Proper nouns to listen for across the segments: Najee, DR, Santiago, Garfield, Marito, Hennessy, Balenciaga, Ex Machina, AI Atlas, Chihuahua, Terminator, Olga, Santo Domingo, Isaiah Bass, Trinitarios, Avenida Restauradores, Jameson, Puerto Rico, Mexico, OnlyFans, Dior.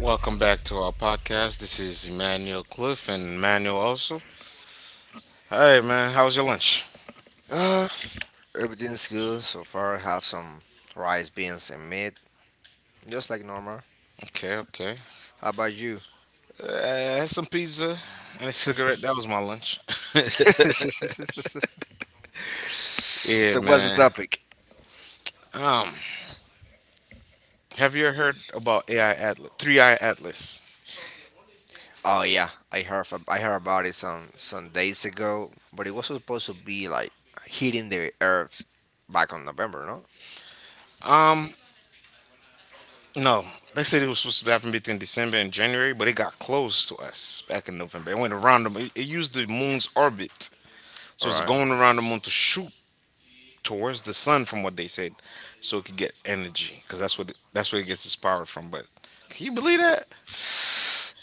Welcome back to our podcast. This is Emmanuel Cliff and Emmanuel also. Hey man, how was your lunch? Uh, Everything's good so far. I have some rice, beans, and meat, just like normal. Okay, okay. How about you? I had some pizza and a so, cigarette. That was my lunch. yeah, what's the man. topic? Um, have you heard about AI Atlas? Three Eye Atlas. Oh yeah, I heard I heard about it some days ago, but it was supposed to be like hitting the earth back on November, no? Um, no. They said it was supposed to happen between December and January, but it got close to us back in November. It went around the moon. It used the moon's orbit, so All it's right, going around the moon to shoot towards the sun, from what they said, so it could get energy because that's where it gets its power from. But can you believe that?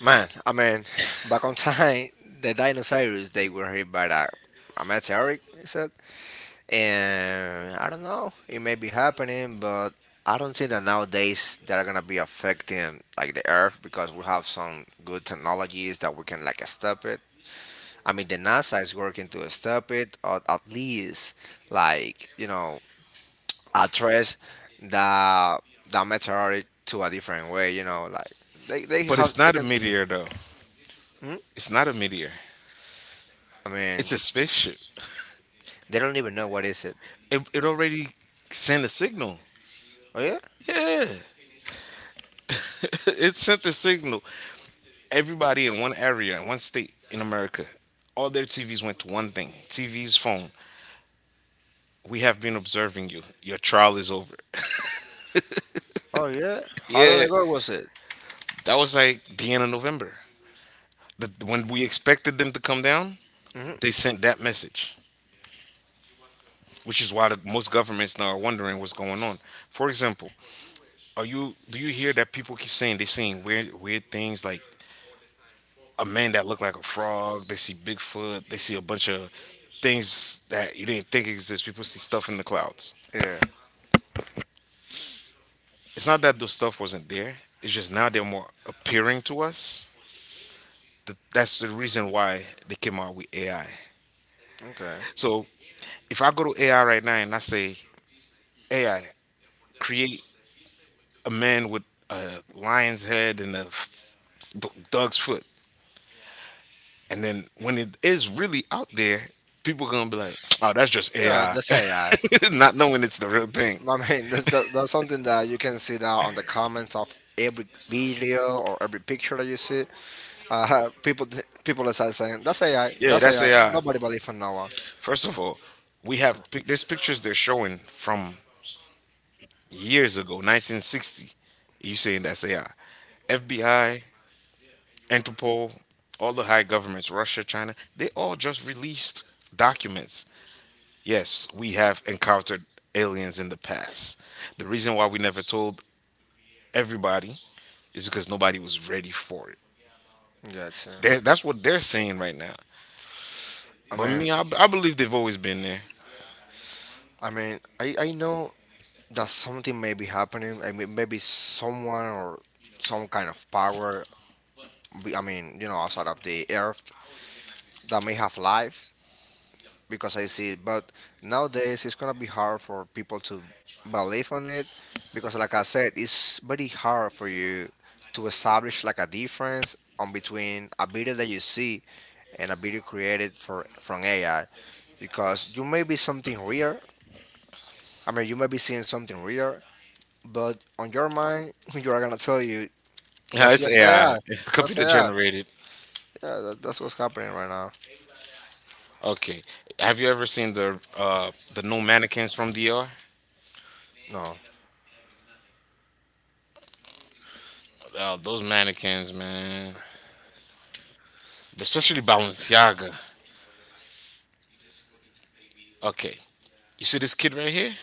man. I mean, back on time, the dinosaurs they were hit by a meteoric. Is that? And I don't know, it may be happening, but I don't think that nowadays that are gonna be affecting like the Earth because we have some good technologies that we can like stop it. I mean, the NASA is working to stop it, or at least like you know address the the meteorite to a different way. You know, like they But have it's they not a can. Be. meteor though. Hmm? It's not a meteor. I mean, It's a spaceship. they don't even know what is it. It already sent a signal. Oh yeah. Yeah, it sent the signal. Everybody in one area, in one state in America, all their TVs went to one thing: TV's phone. We have been observing you. Your trial is over. Oh yeah. How long Yeah, ago was it? that was like the end of November. When we expected them to come down, Hmm. they sent that message. Which is why most governments now are wondering what's going on. For example, are you do you hear that people keep saying they're seeing weird things like a man that looked like a frog, they see Bigfoot, they see a bunch of things that you didn't think exist. People see stuff in the clouds. Yeah. It's not that the stuff wasn't there. It's just now they're more appearing to us. That's the reason why they came out with AI. Okay. So if I go to AI right now and I say, AI, create a man with a lion's head and a dog's foot. And then when it is really out there, people gonna be like, "Oh, that's just Yeah, AI," that's AI. Not knowing it's the real thing. I mean, that's something that you can see that on the comments of every video or every picture that you see. Uh, people people start saying, that's AI, Yeah, that's that's AI. AI. Nobody believes on Noah. First of all, we have there's pictures they're showing from years ago, 1960. You saying that's AI? FBI, Interpol, all the high governments, Russia, China, they all just released documents. Yes, we have encountered aliens in the past. The reason why we never told everybody is because nobody was ready for it. Yeah, too. That's what they're saying right now. I But mean, me, I believe they've always been there. I know that something may be happening. I mean, maybe someone or some kind of power, I mean, you know, outside of the earth that may have life, because I see it. But nowadays, it's gonna be hard for people to believe on it because, like I said, it's very hard for you to establish like a difference on between a video that you see and a video created for from AI, because you may be something real. I mean, you may be seeing something real, but on your mind, you are gonna tell you Yeah, that's it's just AI, AI. That's computer AI. generated. Yeah, that's what's happening right now. Okay, have you ever seen the new mannequins from Dior? No, Oh, those mannequins, man. Especially Balenciaga. Okay, you see this kid right here?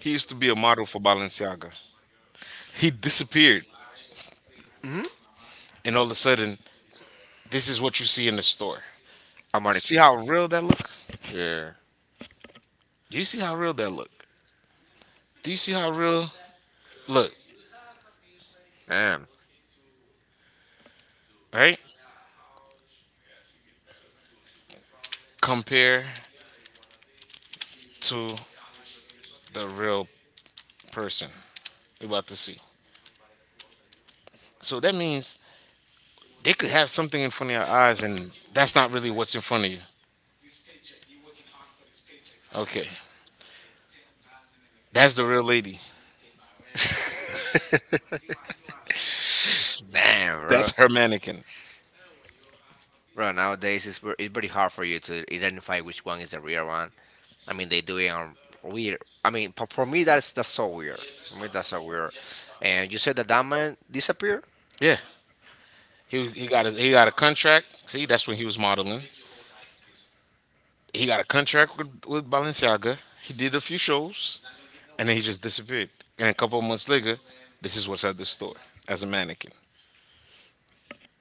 He used to be a model for Balenciaga. He disappeared, mm-hmm. and all of a sudden, this is what you see in the store. I See mannequin. how real that look? Yeah. Do you see how real that look? Do you see how real look? Damn. Right? Compare to the real person. We about to see. So that means they could have something in front of your eyes, and that's not really what's in front of you. Okay, that's the real lady. Damn, bro. That's her mannequin. Bro, nowadays it's pretty hard for you to identify which one is the real one. I mean, they do it on weird. I mean, for me, that's so weird. For me, that's so weird. And you said that that man disappeared? Yeah, he got he got a contract. See, that's when he was modeling. He got a contract with Balenciaga. He did a few shows, and then he just disappeared. And a couple of months later, this is what's at the store as a mannequin,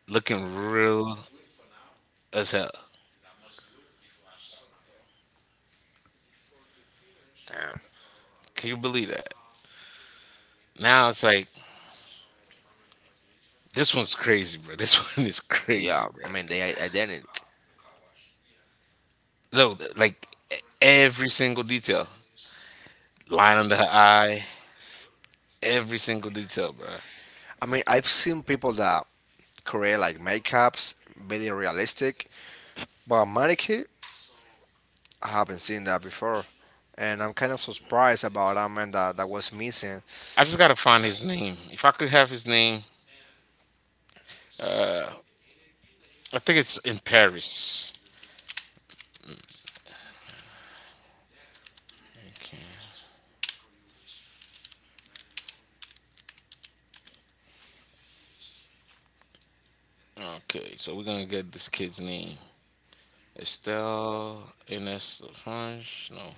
looking real as hell. Damn. Can you believe that? Now it's like this one's crazy, bro. This one is crazy, Yeah, bro. I mean, they are identical. No, like every single detail, line under her eye, every single detail, bro. I mean, I've seen people that create like makeups, very realistic, but a mannequin, I haven't seen that before, and I'm kind of surprised about that man that was missing. I just gotta find his name. If I could have his name, uh, I think it's in Paris. Okay. Okay, so we're gonna get this kid's name. Estelle Ines French. No.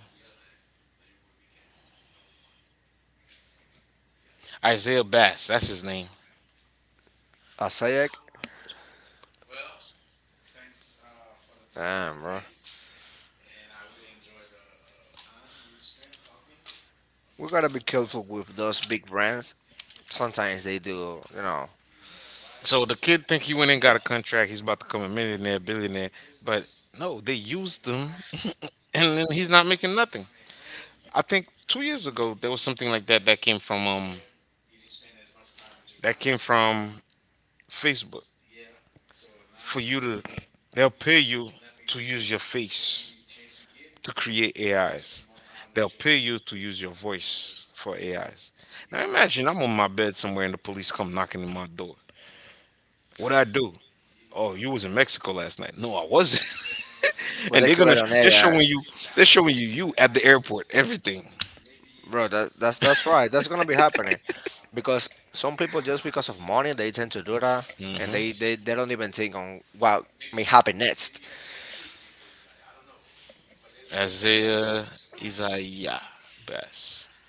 Isaiah Bass, that's his name. Asayek, damn bro, we gotta be careful with those big brands. Sometimes they do, you know, So the kid think he went and got a contract, he's about to become a millionaire, billionaire. But no, they used him and then he's not making nothing. I think 2 years ago there was something like that that came from Facebook for you to they'll pay you to use your face to create AIs. They'll pay you to use your voice for AIs. Now imagine I'm on my bed somewhere and the police come knocking on my door. What I do? Oh, you was in Mexico last night. No, I wasn't. but And they they're gonna create on they're AI, showing you they're showing you you at the airport everything. bro. That's right. That's gonna be happening because some people just because of money they tend to do that, and Hmm. They don't even think on what may happen next. Isaiah Isaiah Bass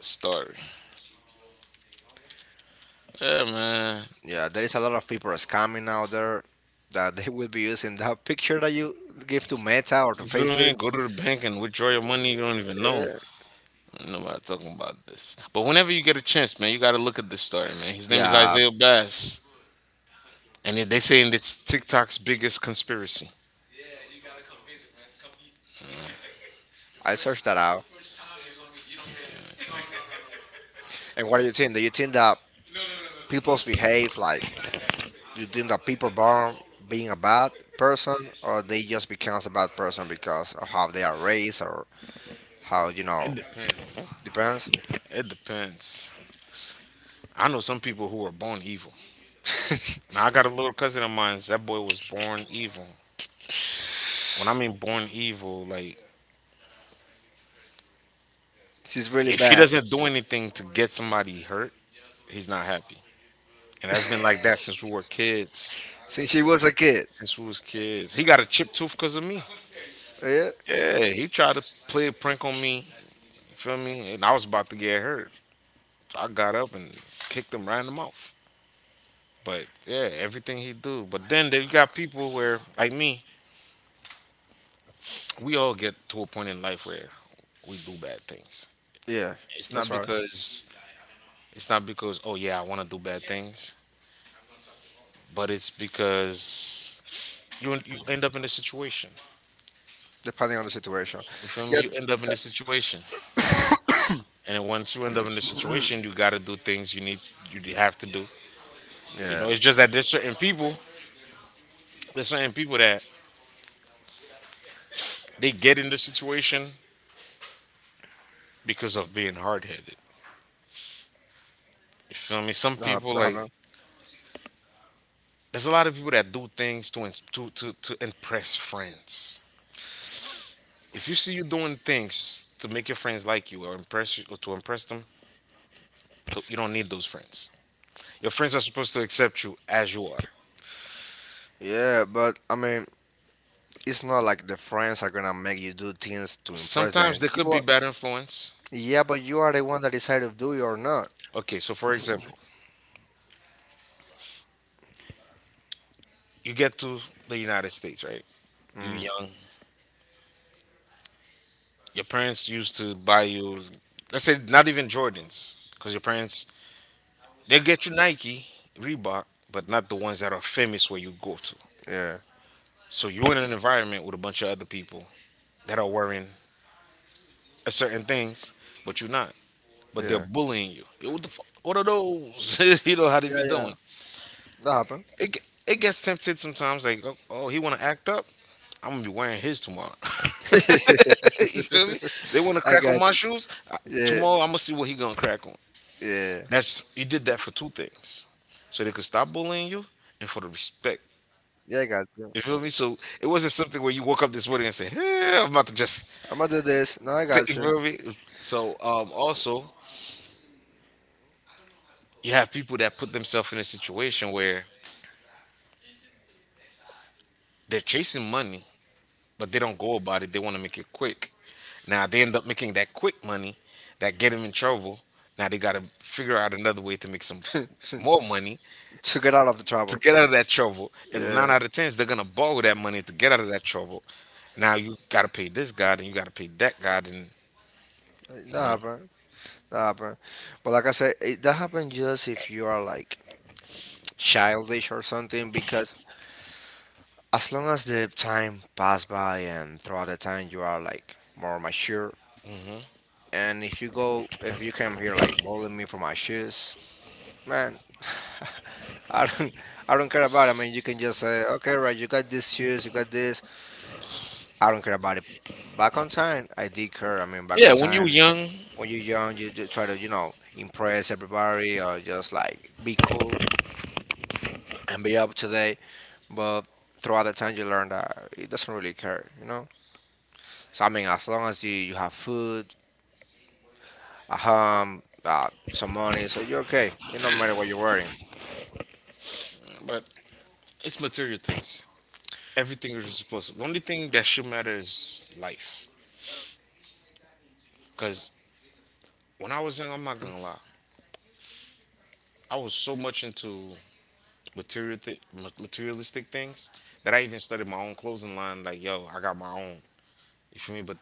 story. Yeah, man. Yeah, there is a lot of people scamming out there that they will be using that picture that you give to Meta or to You feel Facebook. me? Go to the bank and withdraw your money. You don't even Yeah, know. Ain't nobody talking about this. But whenever you get a chance, man, you got to look at this story, man. His name is yeah. Isaiah Bass, and they saying it's TikTok's biggest conspiracy. I searched that out. And what do Well, you think? Do you think that people's behave like? Do you think that people born being a bad person, or they just becomes a bad person because of how they are raised, or how you know? it depends. Depends. It depends. I know some people who are born evil. Now I got a little cousin of mine. That boy was born evil. When I mean born evil, like She's really if he bad doesn't do anything to get somebody hurt, he's not happy. And that's been like that since we were kids. since she was a kid. Since we was kids. He got a chip tooth because of me. Yeah, Yeah, he tried to play a prank on me. You feel me? And I was about to get hurt. I got up and kicked him right in the mouth. But yeah, everything he do. But then there you got people where, like me, we all get to a point in life where we do bad things. yeah. It's not That's right. because it's not because oh yeah I want to do bad things, but it's because you end up in a situation. Depending on the situation. You feel me? Yeah, You end up in a that, situation, and then once you end up in a situation, you got to do things you have to do. You yeah. know, it's just that there's certain people that they get in the situation because of being hard headed. You feel me? Some people That like happened. there's a lot of people that do things to ins- to impress friends. If you see you doing things to make your friends like you or impress you, or to impress them, so you don't need those friends. Your friends are supposed to accept you as you are. Yeah, but I mean, it's not like the friends are gonna make you do things to impress them. Sometimes there You could be are, bad influence. yeah, but you are the one that decided to do it or not. Okay, so for example, you get to the United States, right? You Mm. young. Your parents used to buy you, let's say, not even Jordans, because your parents they get you Nike, Reebok, but not the ones that are famous where you go to. Yeah, So you're in an environment with a bunch of other people that are wearing a certain things, but you're not. But they're yeah, bullying you. Yo, what the fuck? What are those? You know how they be yeah. doing. That happened. It gets tempted sometimes. Like, oh, oh he want to act up. I'm gonna be wearing his tomorrow. You feel me? They want to I crack on got my you. shoes. I- Yeah, tomorrow I'm gonna see what he gonna crack on. yeah, That's he did that for two things, so they could stop bullying you and for the respect. yeah. I got you. You feel me? So it wasn't something where you woke up this morning and say, "Hey, I'm about to just." I'm gonna do this. No, I You got you. feel me? So also, you have people that put themselves in a situation where they're chasing money, but they don't go about it. They want to make it quick. Now they end up making that quick money that get them in trouble. Now they got to figure out another way to make some more money to get out of the to trouble. get out of that trouble. And nine Yeah, out of tens, they're gonna borrow that money to get out of that trouble. Now you gotta pay this guy, then you gotta pay that guy, then you that know. happened. That happened. But like I said, that happened just if you are like childish or something because as long as the time pass by and throughout the time you are like more mature, Hmm. and if you go if you come here like bullying me for my shoes, man, I don't I don't care about it. I mean you can just say okay, right, you got these shoes you got this, I don't care about it. Back on time I did care. I mean back Yeah, on when you were time, young, when you're young, you try to you know impress everybody or just like be cool and be up to date, but throughout the time you learn that it doesn't really care, you know. So I mean as long as you have food, some money, so you're okay. It don't matter what you're wearing. but it's material things. Everything is supposed. The only thing that should matter is life. Cause when I was young, I'm not gonna lie, I was so much into material th- materialistic things that I even started my own clothing line. Like, yo, I got my own. You feel me? But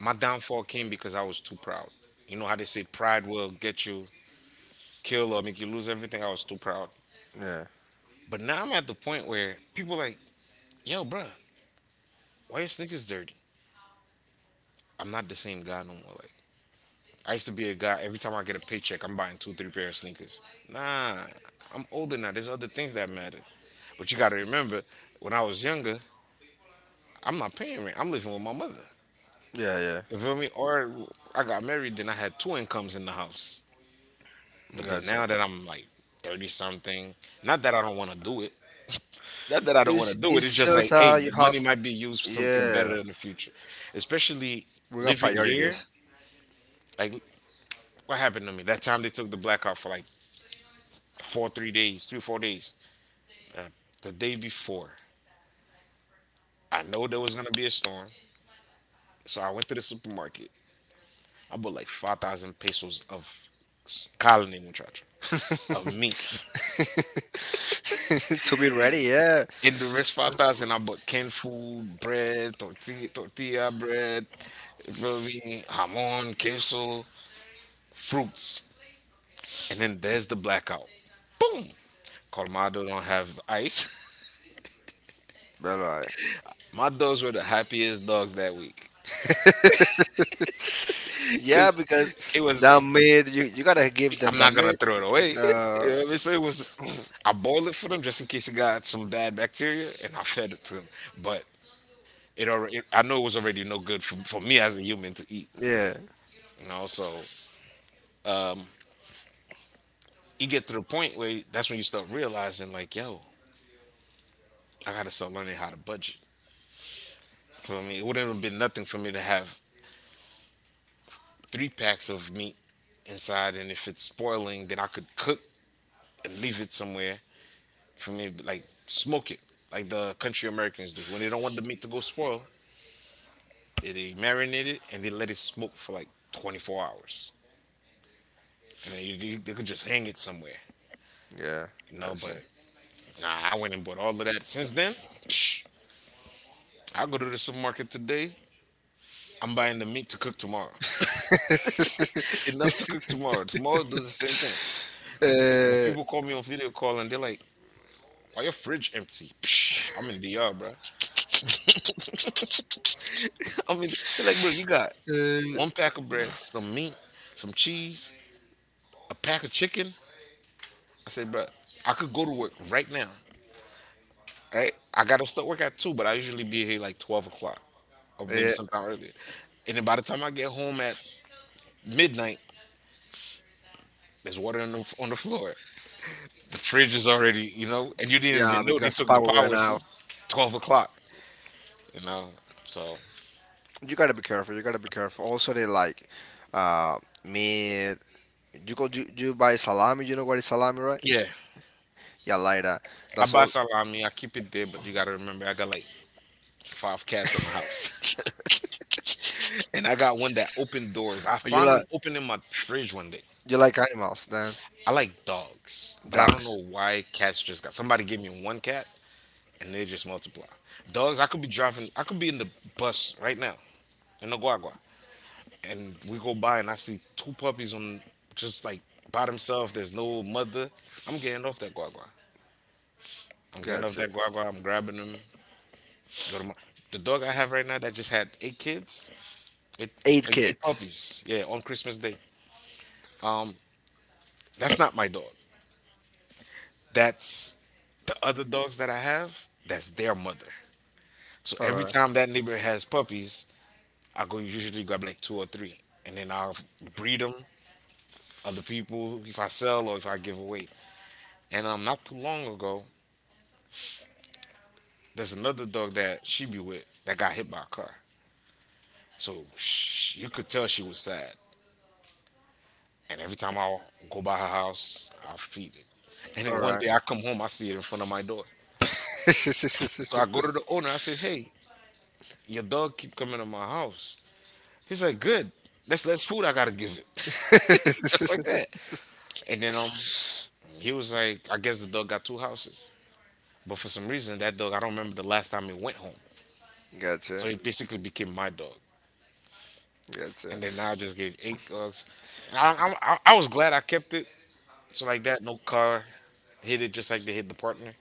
my downfall came because I was too proud. You know how they say pride will get you killed or make you lose everything. I was too proud. Yeah, But now I'm at the point where people like, yo, bruh, why your sneakers dirty? I'm not the same guy no more. Like I used to be a guy. Every time I get a paycheck, I'm buying two, three pair of sneakers. Nah, I'm older now. There's other things that matter. But you gotta remember, when I was younger, I'm not paying rent. I'm living with my mother. Yeah. You feel me? Or I got married, then I had two incomes in the house. But then Gotcha. now that I'm like 30 something, not that I don't want to do it, not that I don't want to do it. It's It's just like, just hey, you the money have. might be used for something Yeah, better in the future, especially we got living here. priorities. Like, what happened to me that time they took the blackout for like four, 3 days, three, 4 days. The day before, I know there was gonna be a storm, so I went to the supermarket. I bought like 5,000 pesos of colony muchacho of meat. to be ready, yeah. In the rest 5,000, I bought canned food, bread, tortilla bread. You feel me? Hamon, queso, fruits. And then there's the blackout. Boom! Colmado don't have ice. But like, My dogs were the happiest dogs that week. yeah, Cause because it was that meat, you gotta give them I'm that not gonna meat. throw it away. You Uh, know what I mean? So it was I boiled it for them just in case it got some bad bacteria and I fed it to them. But it already I know it was already no good for me as a human to eat. yeah, You know, so um, you get to the point where that's when you start realizing like, yo, I gotta start learning how to budget. For me, it wouldn't have been nothing for me to have three packs of meat inside, and if it's spoiling, then I could cook and leave it somewhere for me, like smoke it, like the country Americans do. When they don't want the meat to go spoil, they marinate it and they let it smoke for like 24 hours, and then they could just hang it somewhere, yeah. you know. But Gotcha. nah, I went and bought all of that. Since then, psh, I go to the supermarket today. I'm buying the meat to cook tomorrow. Enough to cook tomorrow. Tomorrow do the same thing. When people call me on video call and they're like, "Why your fridge empty?" Psh, I'm in the yard, bro. I mean, they're like, bro, you got uh, uh, one pack of bread, some meat, some cheese, a pack of chicken. I said, bro, I could go to work right now. Right? I gotta start work at two, but I usually be here like 12 o'clock or maybe yeah, sometime earlier. And then by the time I get home at midnight, there's water on the floor. The fridge is already, you know, and you didn't yeah, even know they because the took the power went power out. since 12 o'clock. You know, so You gotta be careful. You gotta be careful. Also, they like meat. You buy salami. You know what is salami, right? yeah, Yeah, like that. I That's buy all. salami, I keep it there, but you gotta remember, I got like five cats in the house. And I got one that Oh, opened doors. I you found them like opening my fridge one day. Animals, then I like dogs, but I don't dogs. know why cats just got. Somebody gave me one cat, and they just multiply. Dogs, I could be driving. I could be in the bus right now in Oguagua, and we go by, and I see two puppies on just like by themselves. There's no mother. I'm getting off that guagua. I'm getting off Gotcha. that guagua. I'm grabbing them. Go to my. The dog I have right now that just had eight kids, eight, Eight eight kids. puppies. Yeah, on Christmas Day. Um, that's not my dog. That's the other dogs that I have. That's their mother. So All every right. time that neighbor has puppies, I go usually grab like two or three, and then I'll breed them. Other people, if I sell or if I give away. And not too long ago, there's another dog that she be with that got hit by a car. So sh you could tell she was sad. And every time I go by her house, I feed it. And All then one right. day I come home, I see it in front of my door. So I go to the owner. I said, "Hey, your dog keep coming to my house. He's like, good. That's less food I gotta give it. Just like that. And then he was like, I guess the dog got two houses. But for some reason that dog I don't remember the last time it went home. Gotcha, So he basically became my dog. gotcha. And then now I just gave eight dogs. And I was glad I kept it. So like that, no car hit it just like they hit the partner.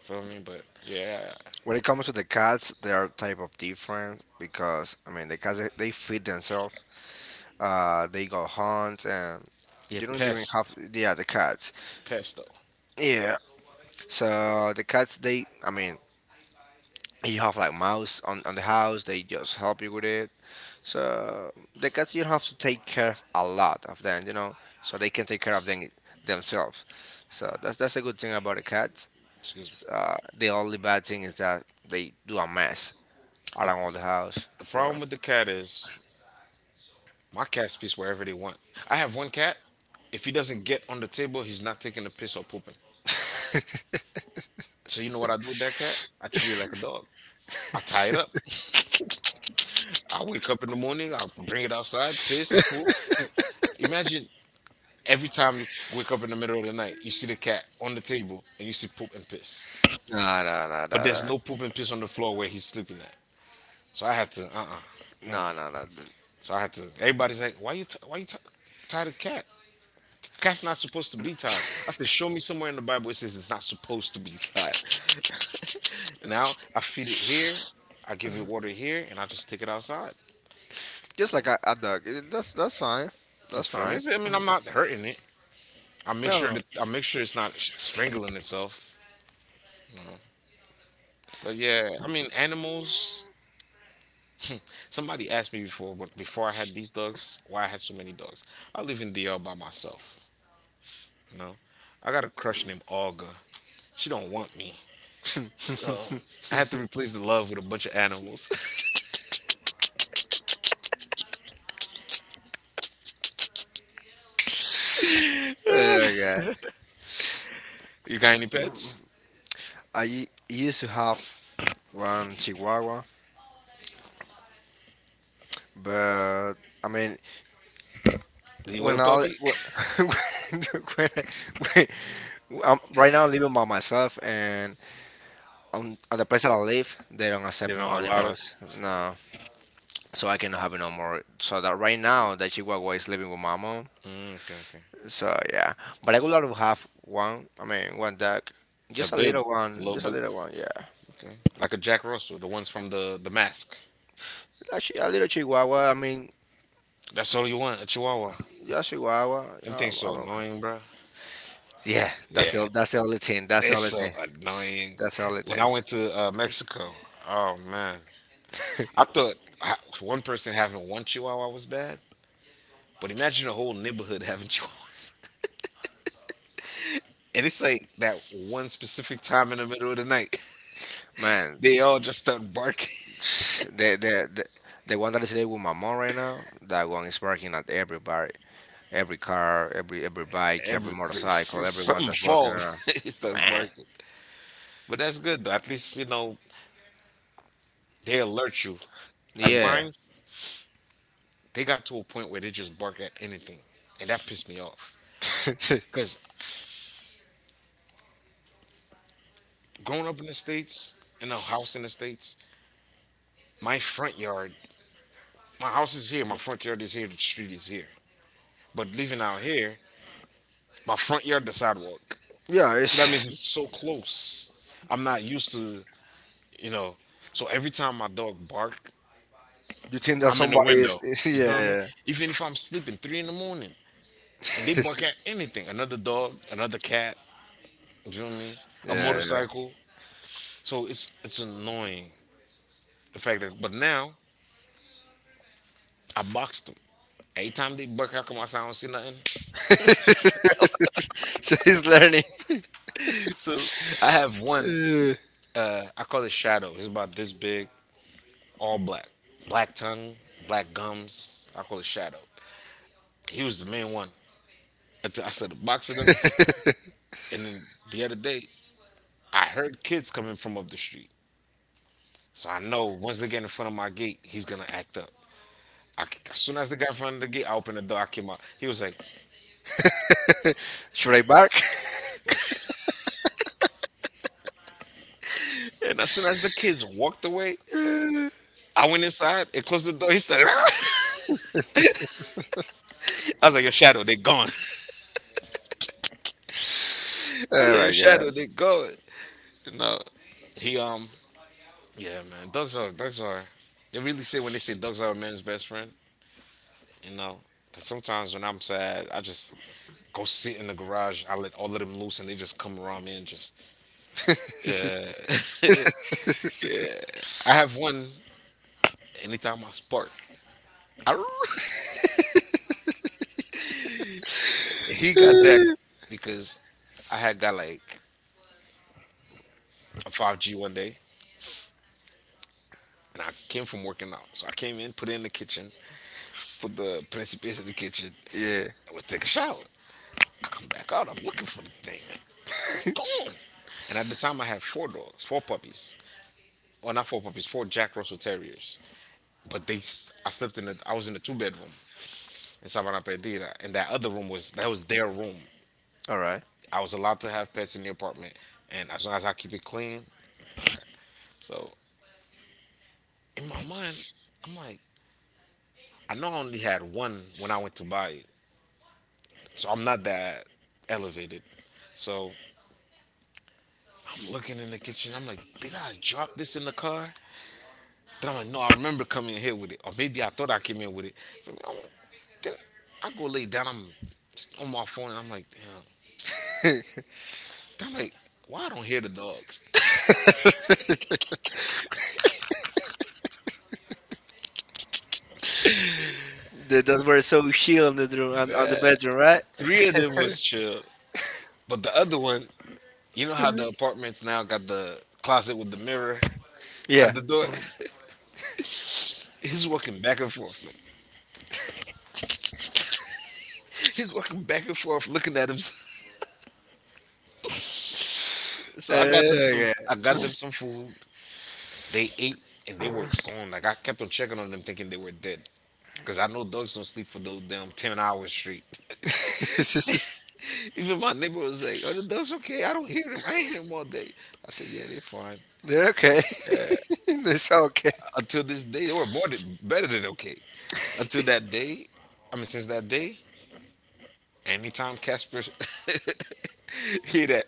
Feel me? But yeah, When it comes to the cats, they are type of different because I mean the cats they feed themselves. They go hunt and yeah, you don't even have yeah the cats. pest though. Yeah. So the cats they I mean you have like mouse on the house. They just help you with it. So the cats you have to take care of a lot of them. You know, so they can take care of them themselves. So that's a good thing about a cat. Excuse The only bad thing is that they do a mess me. Around all the house. The So problem with the cat is my cats piss wherever they want. I have one cat. If he doesn't get on the table, he's not taking a piss or pooping. So you know what I do with that cat? I treat it like a dog. I tie it up. I wake up in the morning. I bring it outside. Piss, poop. Imagine every time you wake up in the middle of the night, you see the cat on the table and you see poop and piss. no, no, no, no, But there's no poop and piss on the floor where he's sleeping at. So I had no, no. So I had to. Everybody's like, why you tie the cat? Cat's not supposed to be tied. I said, show me somewhere in the Bible it says it's not supposed to be tied. Now I feed it here. I give it water here, and I just take it outside. Just like a dog. That's fine. You That's feel me? fine. I mean, I'm not hurting it. No, no. I make sure it's not strangling itself. But yeah, I mean, animals. Somebody asked me before, but before I had these dogs, why I had so many dogs. I live in DL by myself. You know, I got a crush named Olga. She don't want me, so I have to replace the love with a bunch of animals. Yeah. You got any pets? Used to have one Chihuahua, but I mean, Do you want when a I puppy? When, I- when I'm right now living by myself, and on at the place that I live, they don't They accept no don't allow it. animals. No, so I cannot have no more. So that right now, the Chihuahua is living with my mom. Mm, okay, okay. So yeah, but I would love to have one. I mean, one dog, A just a big, little a one, little just a big, little one. Yeah, okay. Like a Jack Russell, the ones from the mask. actually, a little Chihuahua. I mean, That's all you want, a Chihuahua. just Chihuahua. Them things so I'm okay. annoying, bro. Yeah, Yeah, that's the only thing. That's they're the only so thing. annoying. That's the only When thing. I went to Mexico, oh man, I thought one person having one chihuahua was bad, but imagine a whole neighborhood having chihuahuas. And it's like that one specific time in the middle of the night, Man, they all just start barking. the the the, the one that is living with my mom right now, that one is barking at everybody. Every car, every bike, every Everything, so, motorcycle, everyone something that's walking falls, around. it starts Man, barking. But that's good though. At least you know they alert you. Like yeah, mine, they got to a point where they just bark at anything, and that pissed me off. Because growing up in the states, in a house in the states, my front yard, my house is here, my front yard is here, the street is here. But living out here, my front yard, the sidewalk. yeah. So that means it's It's, so close. I'm not used to, you know. So every time my dog bark, you think that I'm in the somebody window. is? You feel me? Even if I'm sleeping three in the morning and they bark at anything, another dog, another cat, you feel me? A Yeah. motorcycle. So it's annoying the fact that. But now I boxed them. Every time they bark, I come outside, I don't see nothing. Yeah. so he's learning. So I have one. Uh, I call it Shadow. It's about this big, all black, black tongue, black gums. I call it Shadow. He was the main one. Until I started boxing him, and then the other day I heard kids coming from up the street. So I know once they get in front of my gate, he's gonna act up. I, as soon as they got in front of the gate, I opened the door. I came out. He was like, Should I bark? and as soon as the kids walked away, I went inside and closed the door. He started. I was like, your shadow, they gone. I was oh like, your my shadow, god. they gone. No, he yeah, man. Dogs are. They really say when they say dogs are a man's best friend. You know, 'cause sometimes when I'm sad, I just go sit in the garage. I let all of them loose, and they just come around me and just. Yeah, I have one. Anytime I spark, Arr! He got that because I had got like a five G one day, and I came from working out, so I came in, put it in the kitchen, put the principes in the kitchen. yeah. I would take a shower. I come back out. I'm looking for the thing. It's gone. And at the time, I had four dogs, four puppies. Well, not four puppies, four Jack Russell Terriers. But I slept in a, I was in a two bedroom in Sabana Perdida, and that was their room. All right. I was allowed to have pets in the apartment, and as long as I keep it clean. So in my mind, I'm like, I know I only had one when I went to buy it, so I'm not that elevated. So I'm looking in the kitchen. I'm like, did I drop this in the car? Then I'm like, no, I remember coming in here with it, or maybe I thought I came in with it. Then I'm like, then I go lay down. I'm on my phone, and I'm like, damn. Then I'm like, why I don't hear the dogs? That's where it's so chill in the room, on the Man, bedroom, right? three of them was chill, but the other one, you know how the apartments now got the closet with the mirror Yeah. at the door. He's walking back and forth. Like, he's walking back and forth, looking at him. So I got them some. Okay. I got them some food. They ate and they were gone. Like I kept on checking on them, thinking they were dead. Cause I know dogs don't sleep for no damn 10 hours straight. Even my neighbor was like, "Are the dogs okay? I don't hear them. I ain't hear them all day." I said, "Yeah, they're fine." They're okay. Yeah. they sound okay. Until this day, they were more than better than okay. Until that day, I mean, since that day, anytime Casper hear that,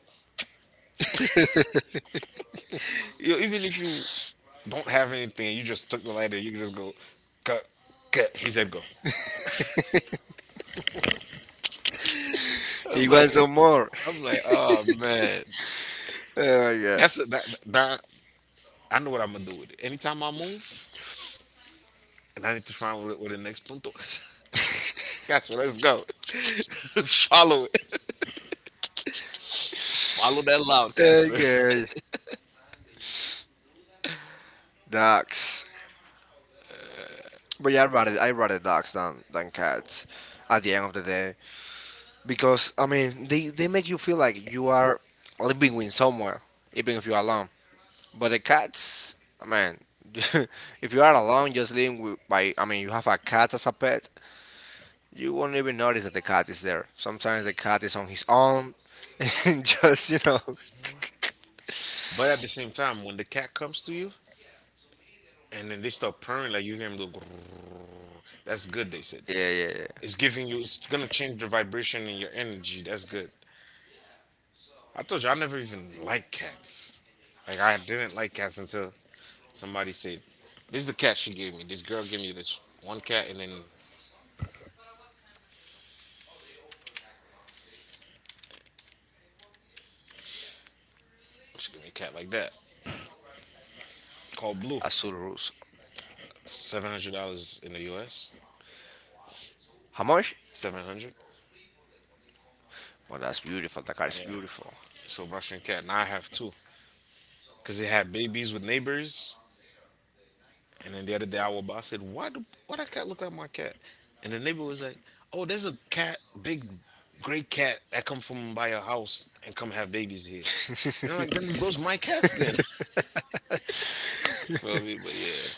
even if you don't have anything, you just took the lighter, you can just go, cut, cut. He said, "Go." he I'm like, wants some more. I'm like, oh man, Oh my god. that's a, that, that. I know what I'm gonna do with it. Anytime I move. And I need to find what, what the next punto is. Casper, let's go. Follow it. Follow that loud, Casper. Okay. Dogs. But yeah, I rather dogs than cats at the end of the day. Because I mean they make you feel like you are living with somewhere, even if you're alone. But the cats, man, if you are alone, just living I mean, you have a cat as a pet, you won't even notice that the cat is there. Sometimes the cat is on his own, and just, you know. But at the same time, when the cat comes to you and then they start purring, like you hear him go, grrrr, that's good, they said. Yeah. It's giving you, it's gonna change the vibration and your energy. That's good. I told you, I never even liked cats. Like, I didn't like cats until somebody said, this is the cat she gave me. This girl gave me this one cat, and then she gave me a cat like that called Blue. Azul Russo. $700 in the US. How much? 700. Well, that's beautiful. The cat is Yeah. beautiful. So Russian cat. Now I have two because they had babies with neighbors. And then the other day, our boss said, "Why do why that cat look like my cat?" And the neighbor was like, "Oh, there's a cat, big, gray cat that come from by your house and come have babies here." And I'm like, "Then those my cats then." Well, we- but yeah,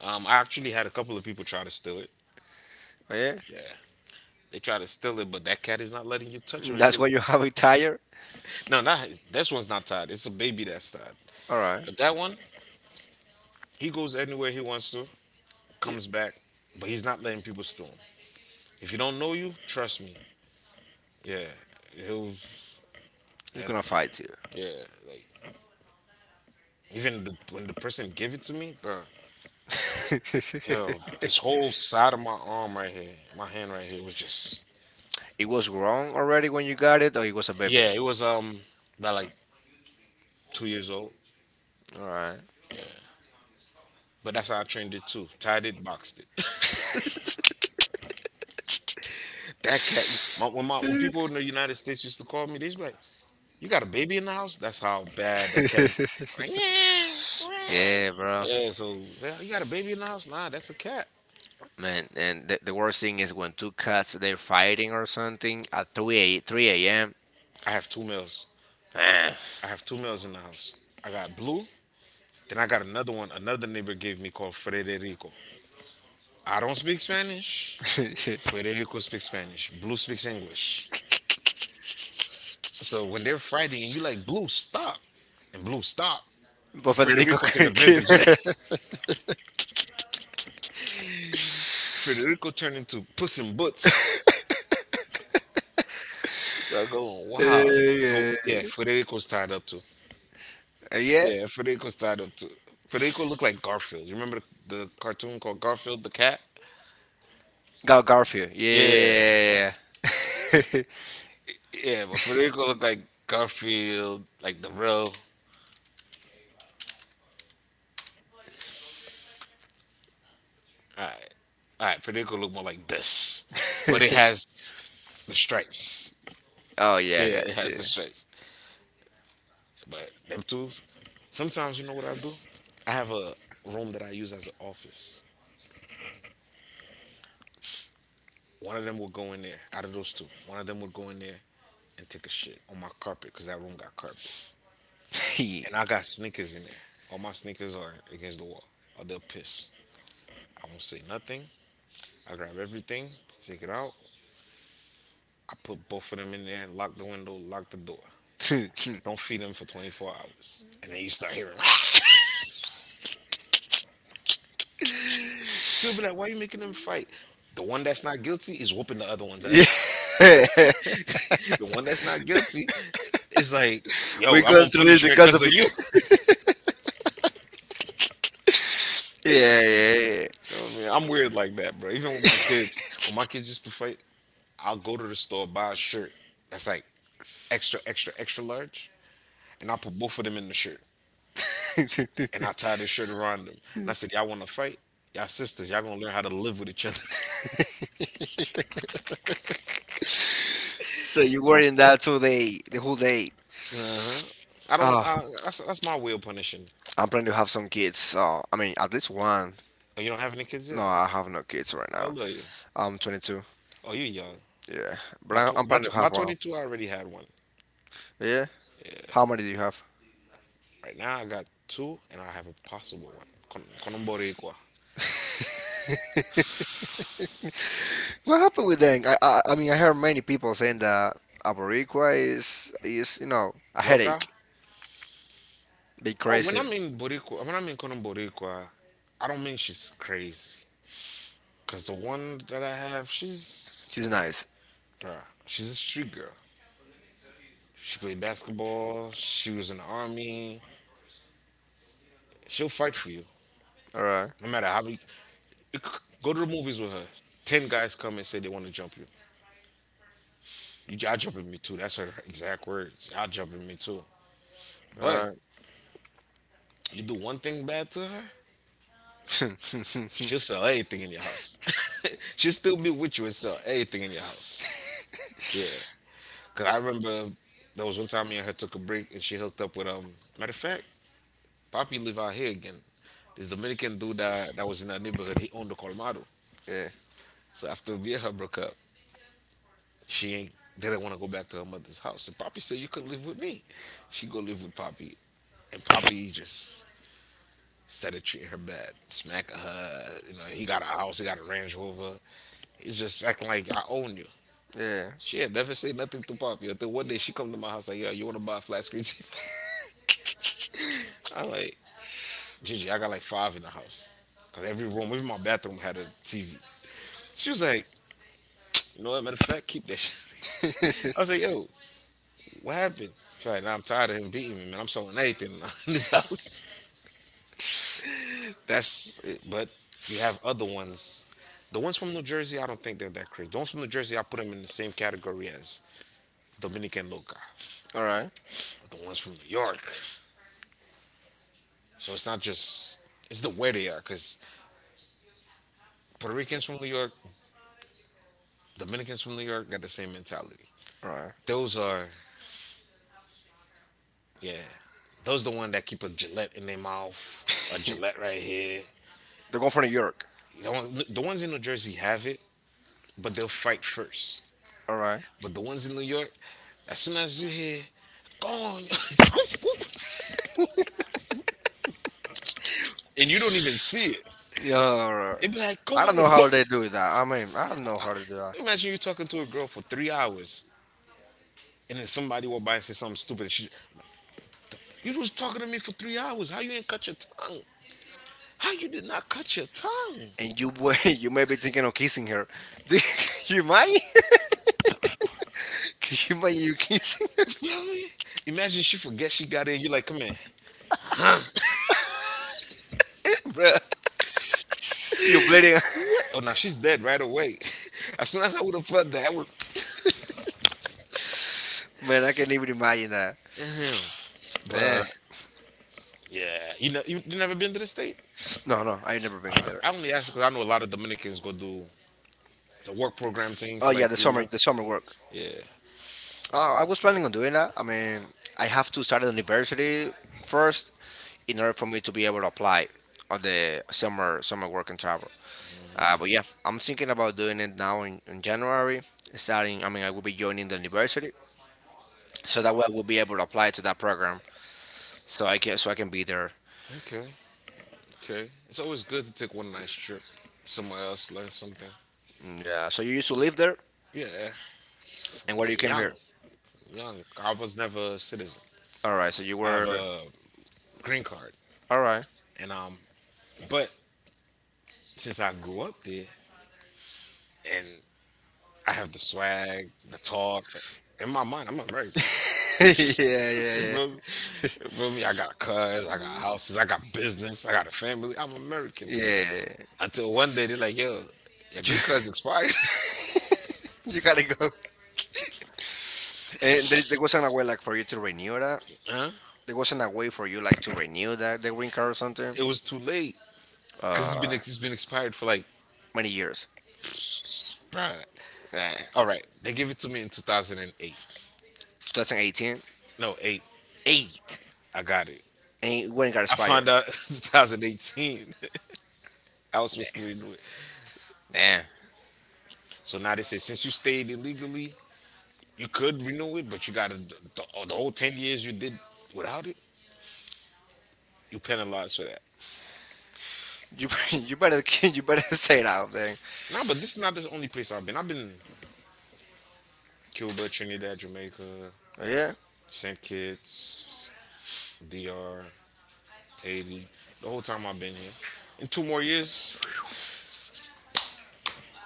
I actually had a couple of people try to steal it. Yeah? Yeah. They try to steal it, but that cat is not letting you touch him. If That's why you have a tire? you- no, not this one's not tied. It's a baby that's tied. Alright. But that one, he goes anywhere he wants to. Comes back, but he's not letting people steal him. If he don't know you, trust me. Yeah, he'll. They're Yeah, gonna fight you. yeah, like even when the person gave it to me, bro. Yo, this whole side of my arm right here, my hand right here was just. it was wrong already when you got it, or it was a baby. Yeah, Yeah. it was about like 2 years old. All right. But that's how I trained it too. Tied it, boxed it. That cat. My when people in the United States used to call me, they'd be like, "You got a baby in the house?" That's how bad that cat. Is. Like, yeah. yeah, bro. Yeah, Yeah. So, well, you got a baby in the house? Nah, that's a cat. man, and the worst thing is when two cats they're fighting or something at 3 a.m. I have two males. Ah. I have two males in the house. I got Blue. Then I got another one. Another neighbor gave me called Federico. I don't speak Spanish. Federico speaks Spanish. Blue speaks English. So when they're fighting and you like Blue, stop, and Blue stop, but Federico Federico take King. advantage. Of that. Federico turned into Puss in Boots. So I go, wow. So yeah, yeah, Federico's tied up too. Yeah. Yeah, Federico's tied up too. Federico looked like Garfield. You remember the cartoon called Garfield the cat? Garfield. Yeah. Yeah. Yeah, but Federico looked like Garfield, like the real. All right, all right. Federico looked more like this, but it has the stripes. oh yeah, Yeah, it gotcha. has the stripes. But them two, sometimes you know what I do? I have a room that I use as an office. One of them will go in there. Out of those two, one of them would go in there and take a shit on my carpet because that room got carpet, and I got sneakers in there. All my sneakers are against the wall. Or they'll piss. I won't say nothing. I grab everything, take it out, I put both of them in there, lock the window, lock the door. Don't feed them for 24 hours. And then you start hearing, "Ah!" People be like, why are you making them fight? The one that's not guilty is whooping the other one's ass. yeah. The one that's not guilty is like, yo, We're I'm going on through this punishment because because of of you. you. yeah, yeah, You know what I mean? I'm weird like that, bro. Even with my kids, when my kids used to fight, I'll go to the store, buy a shirt that's like extra, extra, extra large, and I'll put both of them in the shirt. And yeah. I tie this shirt around them. And I said, y'all want to fight? Y'all sisters, y'all gonna learn how to live with each other. so you were in that 2 day, the whole day. Uh-huh. I don't. Ah, I, that's my way of punishing. I'm planning to have some kids. So I mean, at least one. Oh, you don't have any kids No, yet? I have no kids right How now. old are you? I'm 22. Oh, you young. Yeah, but By, tw- I'm by, planning to tw- by have one. 22, I already had one. Yeah. How many do you have? Right now, I got two, and I have a possible one. Con, con un boricua. what happened with them? I mean I heard many people saying that Aborigua is you know a Loca? headache. Be Oh, when crazy. I mean boricua, when I mean con un boricua, I don't mean she's crazy. Cause the one that I have, she's, She's nice. bruh, she's a street girl. She played basketball. She was in the army. She'll fight for you, All right. no matter how many. Go to the movies with her. Ten guys come and say they want to jump you. You jaw dropping me too. That's her exact words. Jaw dropping me too. But All right. you do one thing bad to her, she'll sell anything in your house. She'll still be with you and sell anything in your house. Yeah. Cause I remember there was one time me and her took a break and she hooked up with matter of fact, Poppy live out here again. This Dominican dude that was in our neighborhood, he owned the Colmado. yeah. So after me and her broke up, she ain't didn't want to go back to her mother's house. And Poppy said, you could live with me. She go live with Poppy. And Poppy just instead of treating her bad, smacking her, you know, he got a house, he got a Range Rover. He's just acting like I own you. Yeah. She had never say nothing to Poppy until one day she come to my house like, yo, you wanna buy a flat screen TV? I'm like, Gigi, I got like five in the house. Cause every room, even my bathroom had a TV. She was like, you know what, matter of fact, keep that shit. I was like, yo, what happened? She's like, nah, I'm tired of him beating me, man. I'm selling anything in this house. That's it, but you have other ones. The ones from New Jersey, I don't think they're that crazy. The ones from New Jersey, I put them in the same category as Dominican Loca. all right. But the ones from New York, so it's not just it's the way they are, because Puerto Ricans from New York, Dominicans from New York got the same mentality. All right. Those are yeah, those the one that keep a Gillette in their mouth, a Gillette right here. They're going for New York. You don't, the ones in New Jersey have it, but they'll fight first. All right. But the ones in New York, as soon as you hear, go on. And you don't even see it. Yeah. All right. It'd be like, go I on. don't The know how they fu-" do that. I mean, I don't know how to do that. Imagine you talking to a girl for 3 hours, and then somebody walk by and say something stupid. And she, you was talking to me for 3 hours. How you ain't cut your tongue? How you did not cut your tongue? And you were you may be thinking of kissing her. Do you Can you imagine? Can you imagine you kissing her? You know what I mean? Imagine she forget she got in. You like, come here, bruh. You're bleeding. What? Oh, no, she's dead right away. As soon as I would have felt that, I would. Man, I can't even imagine that. Mhm. Eh, But yeah, you know, you never been to the state? no, no, I've never been there. I only ask because I know a lot of Dominicans go do the work program thing Oh for yeah, like the three summer, the months. summer work. Yeah. Oh, I was planning on doing that. I mean, I have to start at university first in order for me to be able to apply on the summer work and travel. But yeah, I'm thinking about doing it now in January. Starting, I mean, I will be joining the university so that way I will be able to apply to that program. So I can be there. Okay. Okay. It's always good to take one nice trip somewhere else, learn something. Mm, yeah. So you used to live there, Yeah. and where We're you came young. here? Young. I was never a citizen. All right. So you I have were. a green card. All right. And but since I grew up there and I have the swag, the talk, in my mind I'm American. Yeah, yeah, You feel yeah. me? You feel me? I got cars, I got houses, I got business, I got a family. I'm American. Yeah. Until one day they're like, yo, your You, green card's expired. you gotta go. And there wasn't a way like for you to renew that. Huh? There wasn't a way for you like to renew that the green card or something. It was too late. Cause it's been Uh, it's been expired for like, Many years. bruh, Eh, all right, they gave it to me in 2008. 2018. No, eight. Eight. I got it. And it wouldn't got I expired. found out 2018. I was supposed to renew it. Damn. So now they say since you stayed illegally, you could renew it, but you got to the whole 10 years you did without it, you penalized for that. You you better you better say it out there. Nah, but this is not the only place I've been. I've been Cuba, Trinidad, Jamaica, Yeah. St. Kitts, DR, Haiti. The whole time I've been here. In 2 more years,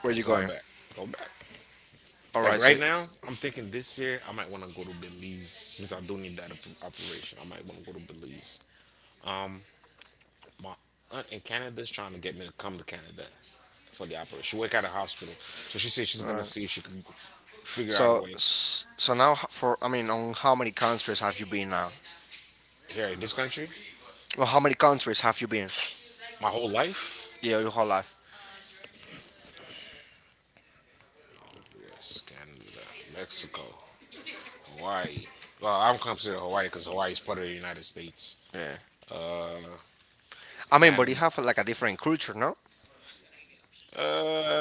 Where you apply going? back, go back. All Like right. So right all now, right. I'm thinking this year I might want to go to Belize since I do need that operation. I might want to go to Belize. Um, my aunt in Canada is trying to get me to come to Canada for the operation. She work at a hospital, so she said she's gonna see if she can figure out a way So now h- for I mean on how many countries have you been now? here in this country. Well, how many countries have you been? My whole life, Yeah, your whole life. yes, Canada, Mexico, Hawaii. Well, I don't consider Hawaii because Hawaii is part of the United States. Yeah. I mean, but you Panama, have like a different culture, no?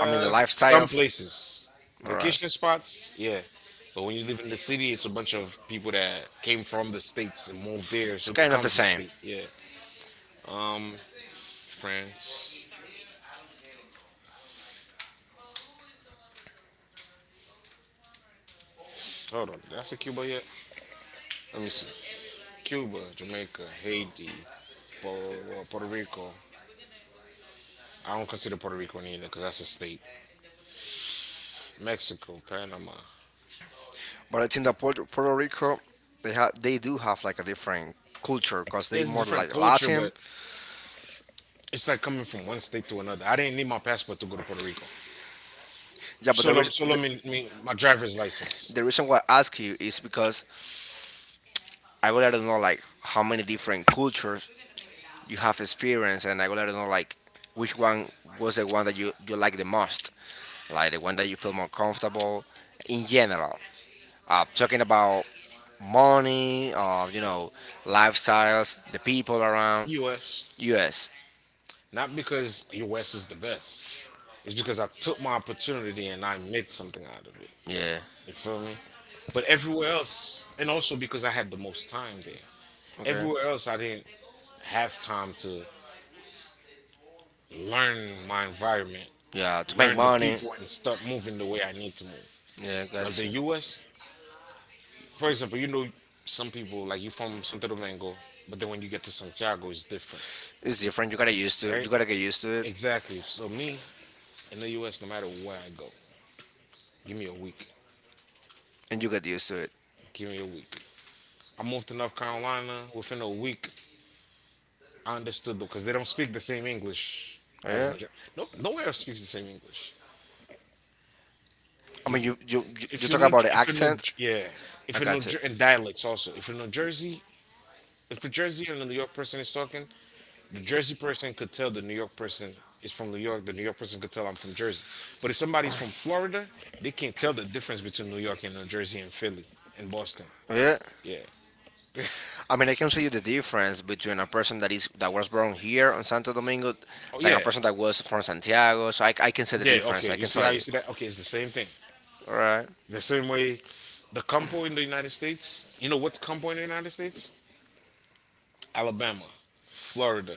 I mean, the lifestyle. some places, lifestyle. All right. vacation spots, yeah. But when you live in the city, it's a bunch of people that came from the states and moved there, It's so it kind of the becomes a same, state. Yeah. Um, France. Hold on, did I say Cuba yet? Let me see. Cuba, Jamaica, Haiti, Puerto Rico. I don't consider Puerto Rico either because that's a state. Mexico, Panama. but I think that Puerto Rico, they do have like a different culture because Yeah, they it's a more different like culture, Latin. but it's like coming from one state to another. I didn't need my passport to go to Puerto Rico. Yeah, but So, let- so let me my driver's license. the reason why I ask you is because I really don't know like how many different cultures you have experience, and I would like to know like which one was the one that you like the most, like the one that you feel more comfortable in general. Talking about money, or lifestyles, the people around. US. Yes. Not because US is the best. It's because I took my opportunity and I made something out of it. Yeah. You feel me? But everywhere else, and also because I had the most time there. Okay. Everywhere else, I didn't have time to learn my environment, Yeah. To make learn the money. people, and start moving the way I need to move. Yeah. Like the Gotcha. US, for example, you know, some people, like you from Santo Domingo, but then when you get to Santiago, it's different, It's different. You right? gotta get used to it, Exactly. So, me in the US, no matter where I go, give me a week. and you get used to it. Give me a week. I moved to North Carolina. Within a week, I understood them because they don't speak the same English Oh, as yeah. New Jersey. No, nowhere else speaks the same English. I You, mean, you talk about the if you're New, accent. yeah, if I you're got you. And dialects also. If you're New Jersey, if a Jersey and a New York person is talking, the Jersey person could tell the New York person is from New York. The New York person could tell I'm from Jersey. But if somebody's from Florida, they can't tell the difference between New York and New Jersey and Philly and Boston. Yeah. Yeah. I mean, I can see you the difference between a person that was born here on Santo Domingo Oh than a yeah. person that was from Santiago. So I can see the, yeah, Yeah, difference. okay. I You can see how tell you you. see that? Okay, it's the same thing. All right. The same way the compo in the United States, you know what's compo in the United States? Alabama, Florida,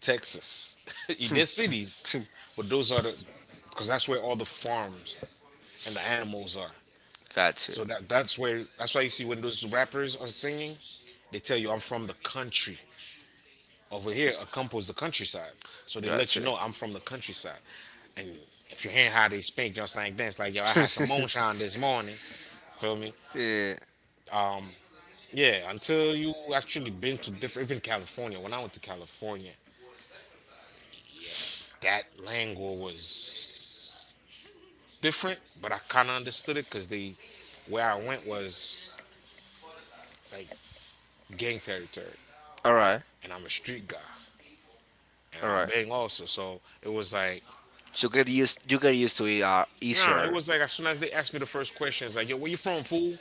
Texas. They're cities, but those are the because that's where all the farms and the animals are. Got you. So So that's where that's why you see when those rappers are singing, they tell you I'm from the country. Over here, a compo is the countryside. So they Got let you know I'm from the countryside. And if you hear how they speak, just like dance like yo, I had some moonshine this morning. Feel me? yeah. Yeah, until you actually been to different, even California. When I went to California, that language was different, but I kind of understood it because the where I went was like gang territory, All right. and I'm a street guy, and All I right. bang also. So it was like, So get used. You get used to it, nah, nah, it it. was like as soon as they asked me the first question, it's like, yo, where you from, fool?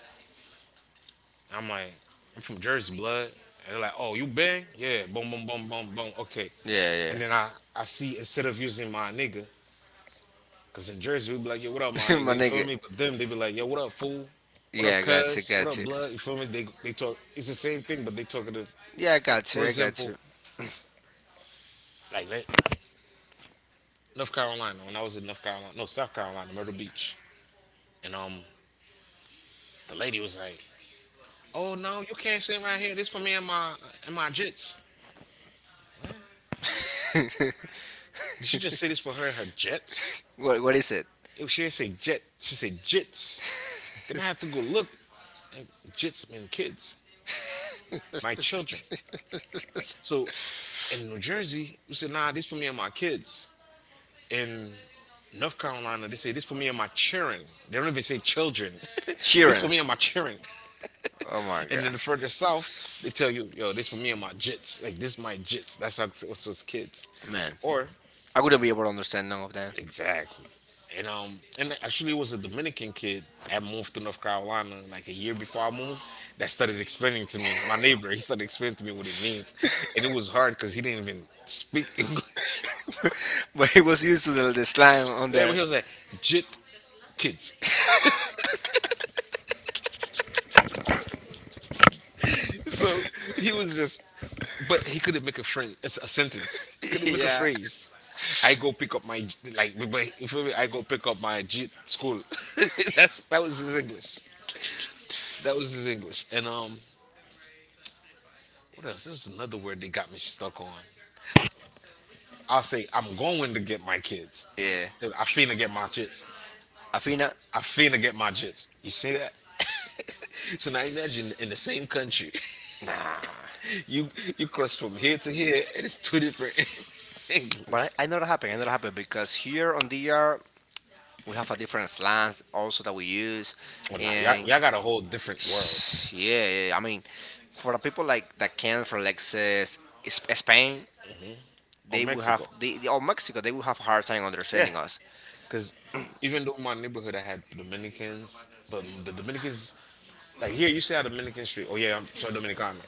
I'm like, I'm from Jersey, blood. And they're like, oh, you bang? Yeah, boom, boom, boom, boom, boom. Okay. Yeah, And then I see instead of using my nigga, cause in Jersey we'd be like, yo, what up, my nigga? You feel me? But them they be like, yo, what up, fool? What up, cuz? What up, blood? You feel me? They talk. It's the same thing, but they talking to. yeah, I got for you. For example, Example, like like, North Carolina. When I was in North Carolina, no South Carolina, Myrtle Beach, and the lady was like, oh no, you can't sit right here. This for me and my jits. Did she just say this for her and her jets? you. What is it? It, she didn't say jet. She said jits. Then I had to go look. And jits mean kids. My children. So in New Jersey, we said, nah, this for me and my kids. In North Carolina, they say this for me and my children. They don't even say children. This for me and my children. Oh my And god. then the further south, they tell you, yo, this for me and my jits. Like this my jits. That's how what's those kids. Man. Or I wouldn't be able to understand none of that. exactly. And actually it was a Dominican kid that moved to North Carolina like a year before I moved that started explaining to me, my neighbor, he started explaining to me what it means. And it was hard because he didn't even speak English. But he was used to the slang on Yeah, but there. he was like, jit kids. So he was just, but he couldn't make a friend, it's a sentence. He couldn't make a Yeah. phrase. I go pick up my like, but if it I go pick up my jit school. That was his English. That was his English. And what else? There's another word they got me stuck on. I'll say I'm going to get my kids. Yeah. Yeah. I finna get my jits. Afina, I finna get my jits. You see that? So now imagine in the same country. You you cross from here to here, and it's two different English. but I know that happened. I know that happened because here on DR we have a different slang also that we use, Well, nah, and word. y'all got a whole different world Yeah, yeah. I mean, for the people like that came from like says, Spain, on they will have Mexico. They- or Mexico they will have a hard time Yeah, understanding us. because even though my neighborhood I had Dominicans, but the Dominicans like here you say a Dominican street. Oh yeah, I'm sorry, Dominicano.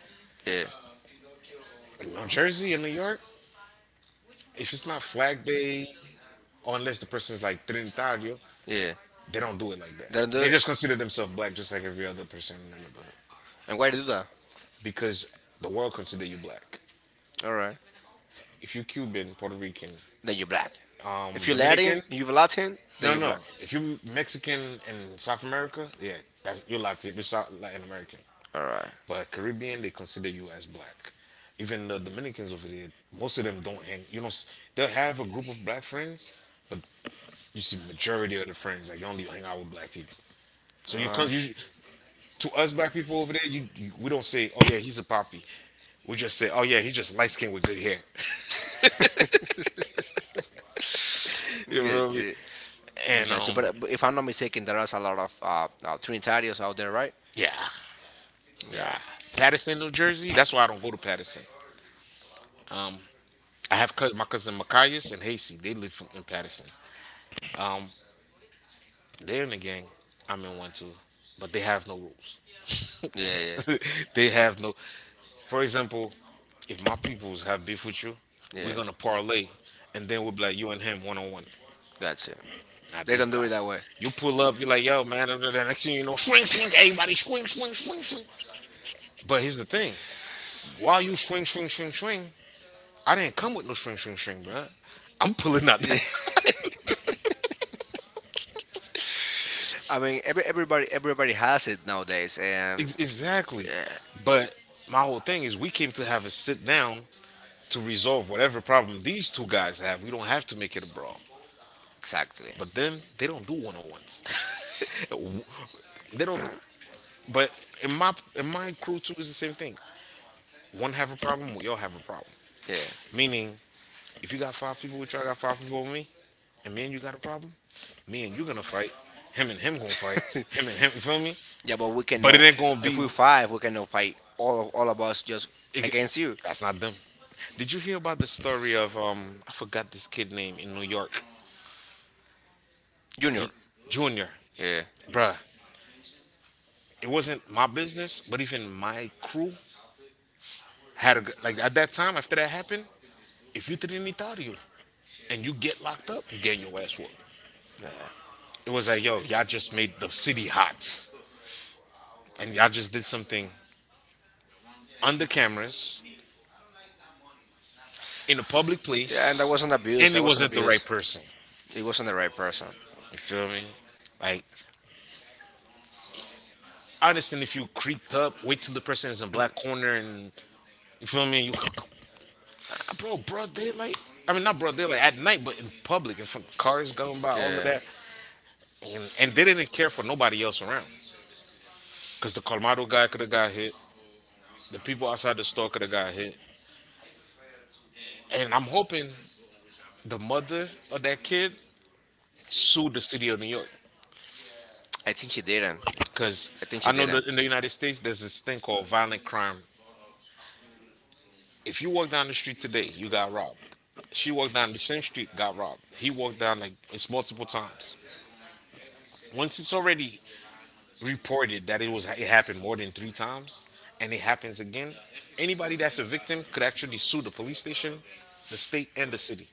Yeah, But in New Jersey and New York, if it's not Flag Day, or unless the person's like Trinitario, yeah. they They don't do it like that. don't do They it. just consider themselves black, Black. just like every other person in the neighborhood, And why they do that? because the world consider you black. All right. If you Cuban, Puerto Rican, Then you're black. If you're Latin, Dominican, Mexican? You're Latin. Then, no, no, you're no, black. no. If you Mexican in South America, yeah, that's you're Latin, you're South Latin American. All right. But Caribbean, they consider you as black. Even the Dominicans over there, most of them don't hang. You know, s- they'll have a group of black friends, but you see majority of the friends like they don't even hang out with black people. So you to us black people over there, you we don't say, oh yeah, he's a poppy. We just say, oh yeah, he's just light skinned with good hair. You feel Get me? it. And And gotcha. But, uh, but if I'm not mistaken, there is a lot of Trinitarios out there, right? yeah, Yeah. yeah. Patterson, New Jersey. That's why I don't go to Patterson. Um, I have my cousin Macias and Hasty. They live from, in Patterson. Um, they're in the gang. I'm in one too, but they have no rules. Yeah, yeah, They have no. For example, if my peoples have beef with you, we're yeah. gonna parlay, and They're gonna. then we'll be like you and him one on one. And gotcha. Not They these don't do it guys, that way. you pull up, you're like, yo, man. And then the next thing you know, swing, swing, everybody swing, swing, swing, swing. But here's the thing: while you swing, swing, swing, swing, I I didn't come with no swing, swing, swing, bruh. I'm pulling out Yeah, that. I mean, everybody has it nowadays, and Exactly. But my whole thing is we came to have a sit down to resolve whatever problem these two guys have. We don't have to make it a brawl. exactly, But then they don't do one on ones. They don't. But in my crew too is the same thing. One have a problem, we all have a problem. yeah, Meaning, if you got 5 people with you, I got 5 people with me, and me and you got a problem, me and you gonna fight. Him and him gonna fight. Him and him, you feel me? yeah. But But it cannot. ain't gonna If be. we fight, we cannot fight all of us just It, against you, that's not them. Did you hear about the story of I forgot this kid name in New York? Junior. He Junior, Yeah, bruh. It wasn't my business, but even my crew had a g- like at that time after that happened. If you didn't eat out of you and you get locked up, you get your ass whooped. yeah, It was like yo, y'all just made the city hot, and y'all just did something under cameras in a public yeah. And that place, was an abuse. and That it was an not wasn't the right abuse. person. It wasn't the right person. You feel me? Like I understand if you creeped up, wait till the person is in black corner, and you feel me, broad daylight. I mean, not broad daylight at night, but in public, in front of cars going by, all of Yeah, that, and they didn't care for nobody else around. Cause the Colmado guy could have got hit, the people outside the store could have got hit, and I'm hoping the mother of that kid sued the city of New York. I think she didn't. Cause I think I she know didn't that in the United States there's this thing called violent crime. like If you walk down the street today, you got robbed. She walked down the same street, got robbed. He walked down like it's multiple times. Once it's already reported that it happened more than three times, and it happens again, anybody that's a victim could actually sue the police station, the state, and the city.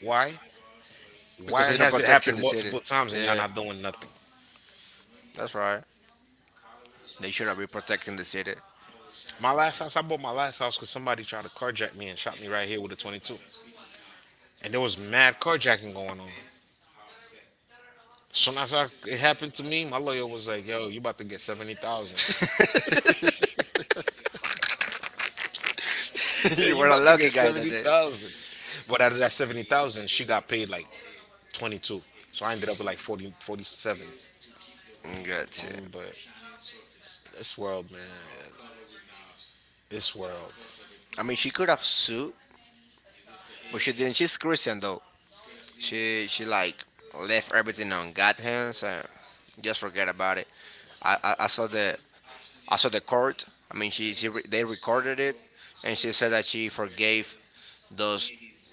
Why? Why because they do not has it protect happened city. multiple times and y'all Yeah, not doing nothing? that's right. They should have been protecting the city. My last house, I bought my last house because somebody tried to carjack me and shot me right here with a 22, and there was mad carjacking going on. It happened to me, my lawyer was like, "Yo, you about to get 70,000. You You were a about to lucky get guy that seventy day. thousand?" But out of that 70,000, she got paid like 22. So I ended up with like 40, 47. Gotcha. But this world, man, this world. I mean, she could have sued, but she didn't. She's Christian though. She like left everything on God's hands and just forget about it. I, I, I saw the I saw the court. I mean, they recorded it, and she said that she forgave those,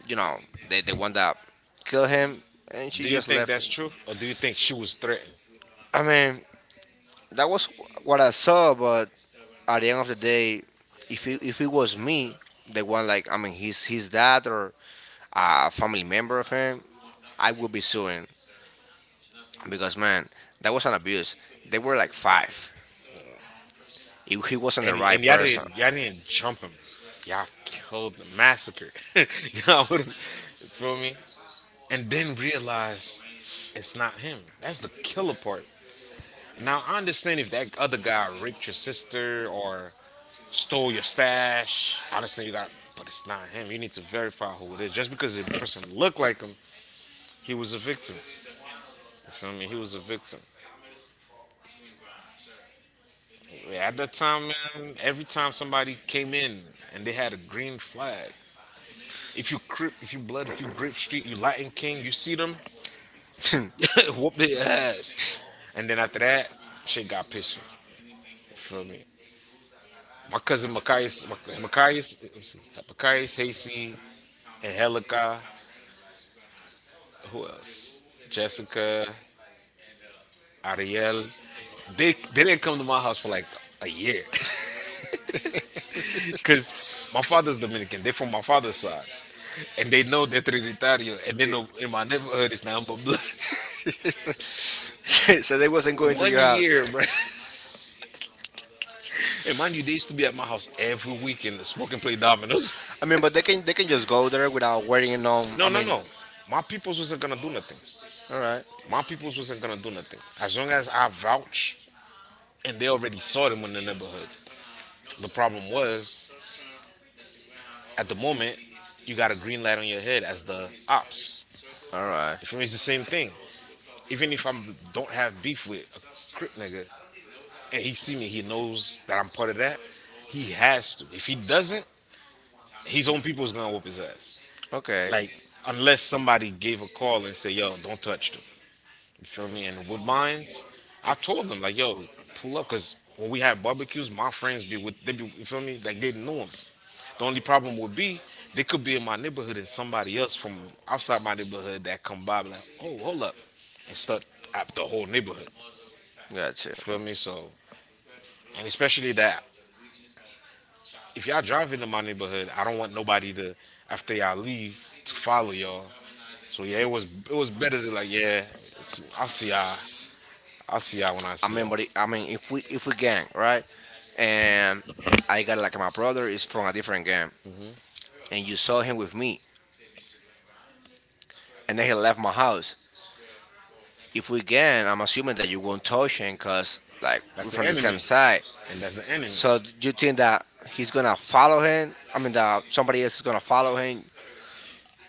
you know, the one that killed him, and she Do you just think that's left. true, or do you think she was threatened? I mean, that was what I saw, but at the end of the day, if it was me, the one like I mean his dad or a family member of him, I would be suing because man, that was an abuse. They were like five. If he wasn't the And right person, y'all didn't jump him. Y'all killed the massacre. Y'all would feel me? And then realize it's not him. That's the killer part. Now I understand if that other guy raped your sister or stole your stash. I understand you got, but it's not him. You need to verify who it is. Just because the person looked like him. He was a victim. You feel me? He was a victim. At that time, man, every time somebody came in and they had a green flag, if you crip, if you blood, if you grip street, you Latin King, you see them, whoop their ass. And then after that, shit got pissing. You feel me? My cousin Machias, Machias, let me see, Machias, Hasey, Angelica, who else? Jessica, Ariel. They didn't come to my house for like a year. Because my father's Dominican. They're from my father's side. And they know they're Trinitario. And they know in my neighborhood it's nothing but bloods. so they wasn't going to One your house. year, bro. And mind you, they used to be at my house every weekend to smoke and play I dominoes. mean, but they can just go there without waiting. No, No, I no, mean, no. My peoples wasn't gonna do nothing. all right, My peoples wasn't gonna do nothing. As long as I vouch, and they already saw them in the neighborhood. The problem was, at the moment, you got a green light on your head as the ops. all right, You feel me? It's the same thing. Even if I don't have beef with a crip nigga, and he see me, he knows that I'm part of that. He has to. If he doesn't, his own people's gonna whoop his ass. okay, Like unless somebody gave a call and said, "Yo, don't touch them." You feel me? And with mines, I told them like, "Yo, pull up," because when we had barbecues, my friends be with they be. You feel me? Like they know them. The only problem would be they could be in my neighborhood and somebody else from outside my neighborhood that come by be like, "Oh, hold up," and start up the whole neighborhood. got you. You feel me? So and especially that if y'all drive into my neighborhood, I don't want nobody to after y'all leave to follow y'all. So yeah, it was better to yeah, I'll see y'all. I'll see y'all when I I mean, see y'all. I mean, if we gang right, and I got like my brother is from a different gang, and you saw him with me, and then he left my house. If we gang, I'm assuming that you won't touch him, cause like we're That's the from the same enemy, side. and that's the enemy. So do you think that he's gonna follow him? I mean, that somebody else is gonna follow him? One.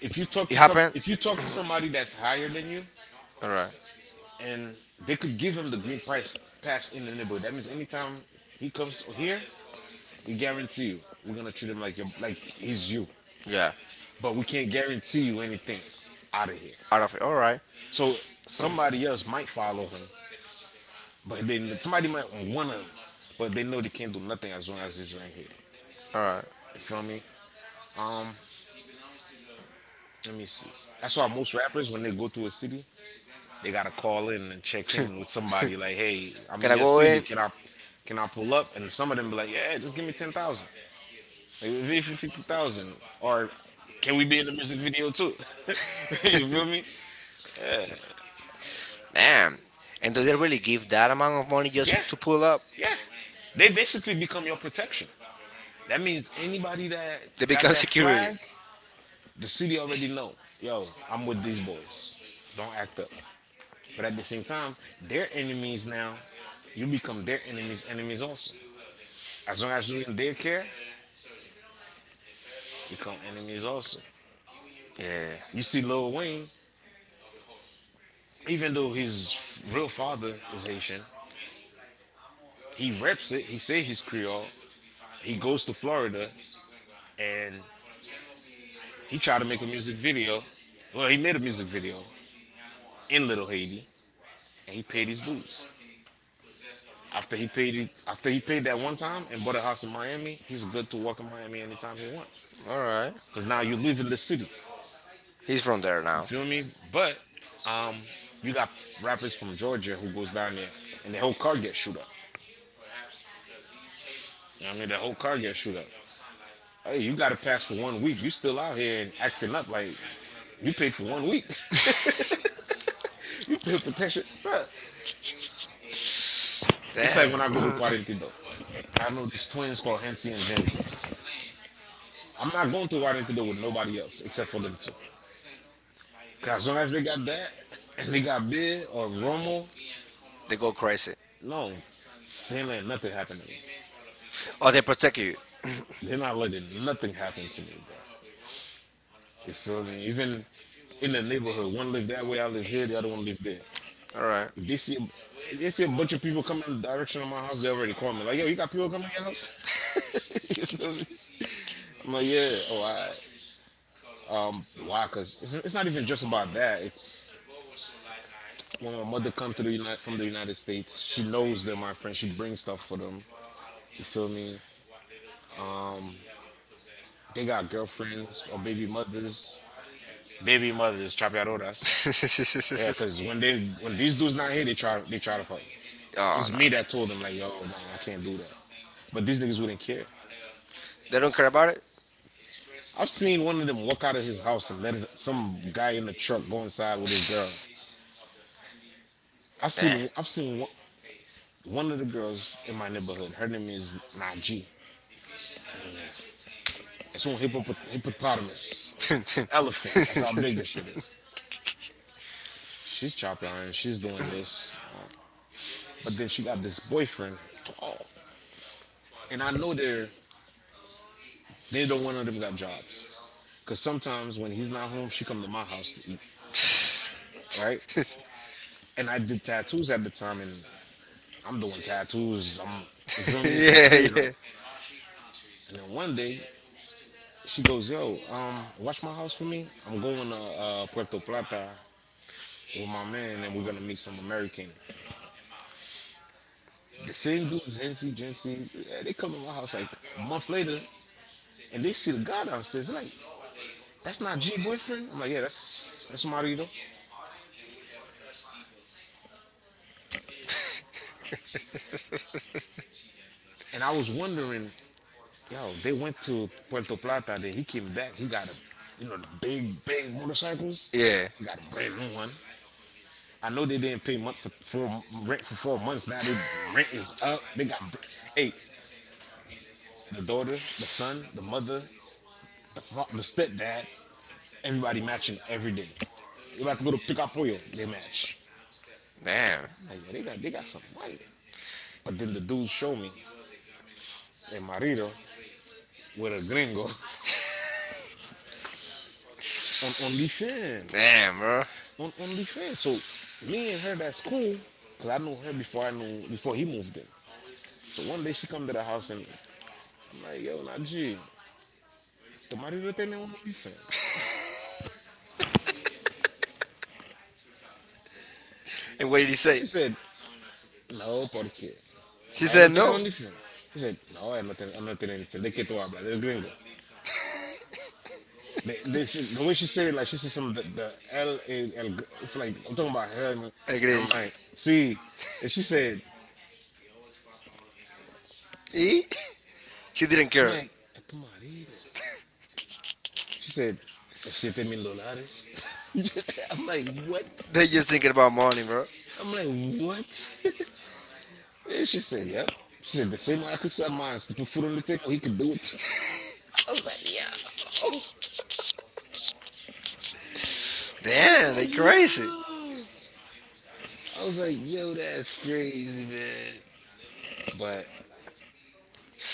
If you talk It to some, happened. if you talk to somebody that's higher than you, You, all right. and they could give him the green price pass in the neighborhood, that means anytime he comes here, we guarantee you, we're gonna treat him like your, like he's you, Yeah. but we can't guarantee you anything out of here. Out of it. All right. So somebody else might follow him, but then somebody might want one of them, but they know they can't do nothing as long as he's right here. All right. You feel me? Um, Let me see. That's why most rappers when they go to a city, they gotta call in and check in with somebody like, hey, I'm in your city, can I? Can I pull up? And some of them be like, yeah, just give me 10,000, maybe 50,000, or can we be in the music video too? You feel me? Damn. And do they really give that amount of money Yeah, just to pull up? yeah. They basically become your protection. That means anybody that got that flag, the city already know. Yo, I'm with these boys. Don't act up. But at the same time, they're enemies now. You become their enemies, enemies also. As long as you're in their care, you become enemies also. Yeah. You see Lil Wayne, even though his real father is Haitian, he reps it. He say he's Creole. He goes to Florida and he tried to make a music video. Well, he made a music video in Little Haiti, and he paid his dues. After he paid that one time and bought a house in Miami, he's good to work in Miami anytime he wants. All right. Cause now you live in the city. He's from there You now. feel me? But um, you got rappers from Georgia who goes down there, and the whole car gets shoot up. You know what I mean? The whole car gets shoot up. Hey, you got to pass for one week. You still out here and acting up like you paid for one week. You paid for that shit, bruh. It's It's like when I go to Cuarentido. I know these twins called Hennessy and Jameson. I'm not going to Cuarentido with nobody else except for them two. 'Cause as long as they got that and they got beer or Romo, They go crazy. no, they ain't nothing happen to me. Oh, they protect you. They're not letting nothing happen to me, bro. You feel me? Even in the neighborhood, one live that way, I live here, the other one live there. All right. If They see, if they see a bunch of people coming in the direction of my house, they already call me. Like, yo, you got people coming in your house? You feel me? I'm like, yeah, oh, all right. Why? Because it's not even just about that. It's when my mother come to the United States, she knows them, my friend. She brings stuff for them. You feel me? They got girlfriends or baby mothers. Baby mothers, trapeadoras. Yeah, Because because when these dudes not here, they try they me. try to fight. It's me that Oh. told them like, yo, no, I can't do that. But these niggas wouldn't care. They don't care about it. I've seen one of them walk out of his house and let some guy in the truck go inside with his girl. I've Damn. seen I've seen one one of the girls in my neighborhood. Her name is Najee. Hippopotamus, elephant. That's how big this shit is. She's chopping iron. She's doing this, but then she got this boyfriend, tall. And I know they're neither one of them got jobs. Cause sometimes when he's not home, she come to my house to eat, right? And I did tattoos at the time, and I'm doing tattoos. You feel me, for free. Yeah, yeah. They. And then one day she goes, "Yo, watch my house for me. I'm going to Puerto Plata with my man, and we're gonna meet some American." The same dudes, Hennessy, Genesee, they come to my house like a month later and they see the guy downstairs. They're like, that's not G boyfriend? I'm like, yeah, that's Marito. And I was wondering, yo, they went to Puerto Plata, then he came back, he got a you know, the big, big motorcycles. Yeah. He got a brand new one. I know they didn't pay month for four, rent for 4 months. Now they rent is up. They got, br- hey, The daughter, the son, the mother, the stepdad. Everybody matching every day. You about to go to pick up oil, they match. Damn. Like, yo, they got some money. But then the dude showed me and marido with a gringo on OnlyFans. Damn, bro. On OnlyFans. So me and her that's cool. Cause I knew before he moved in. So one day she come to the house and I'm like, yo, nah, G, tu marido tiene OnlyFans. And what did he say? She said, no, porque. I'm She like, él said no tiene no. OnlyFans. He said, no, él no tiene OnlyFans. ¿De qué tú hablas? Del gringo. The way she said it, like she said some the L is El, it's like I'm talking about her. And I'm like, see, and she said, E? She didn't I'm care. like, "A tu marido. She said, "Los siete mil dólares. I'm like, what? They just thinking about money, bro. I'm like, what? And she said, yep. She said, the same way I could sell mine to put food on the table, he could do it too. I was like, yo. I was Damn, they crazy. like, yo. I was like, yo, that's crazy, man. But,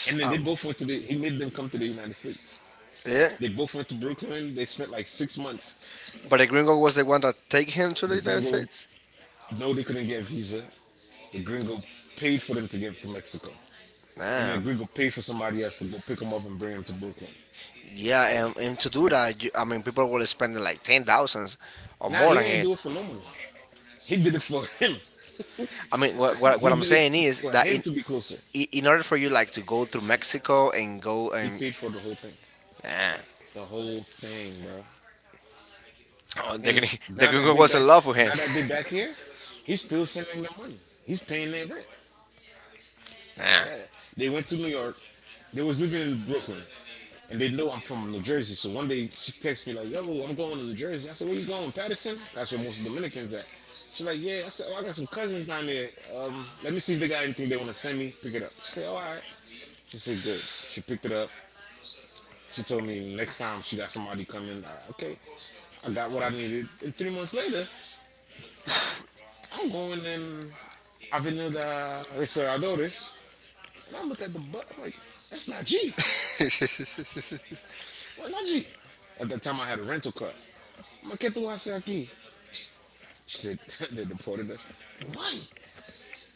and then they both he made them come to the United States. Yeah. They both went to Brooklyn. They spent like 6 months. But the gringo was the one that take him to the The United gringo, States? no, they couldn't get a visa. The gringo paid for them to get to Mexico. And Nah. then Damn. the gringo paid for somebody else to go pick them up and bring them to Brooklyn. States. Yeah, and to do that, I mean, people will spend like ten thousands or Nah, more he than didn't it. do it for no one. He did it for him. I mean, what He I'm did saying it is for that him to be closer. in order for you like to go through Mexico and go He and paid for the whole thing. nah. The whole thing, bro. Oh, the, And gring- the now that gringo they was back, in love with him. now that they back here, he's still sending them money. He's paying their rent. Their Yeah. They went to New York. They was living in Brooklyn. And they know I'm from New Jersey. So one day she texts me like, yo, I'm going to New Jersey. I said, where you going? Patterson? That's where most Dominicans at. She's like, yeah. I said, oh, I got some cousins down there. Let me see if they got anything they want to send me. Pick it up. She said, oh, all right. She said, good. She picked it up. She told me next time she got somebody coming. Okay. I got what I needed. And 3 months later, I'm going in Avenida Restauradores. And I look at the butt. I'm like, that's not G. rent. Nah. Why not you? At that time, I had a rental car. I'm like, get the wash aquí. She said, they deported us. Why?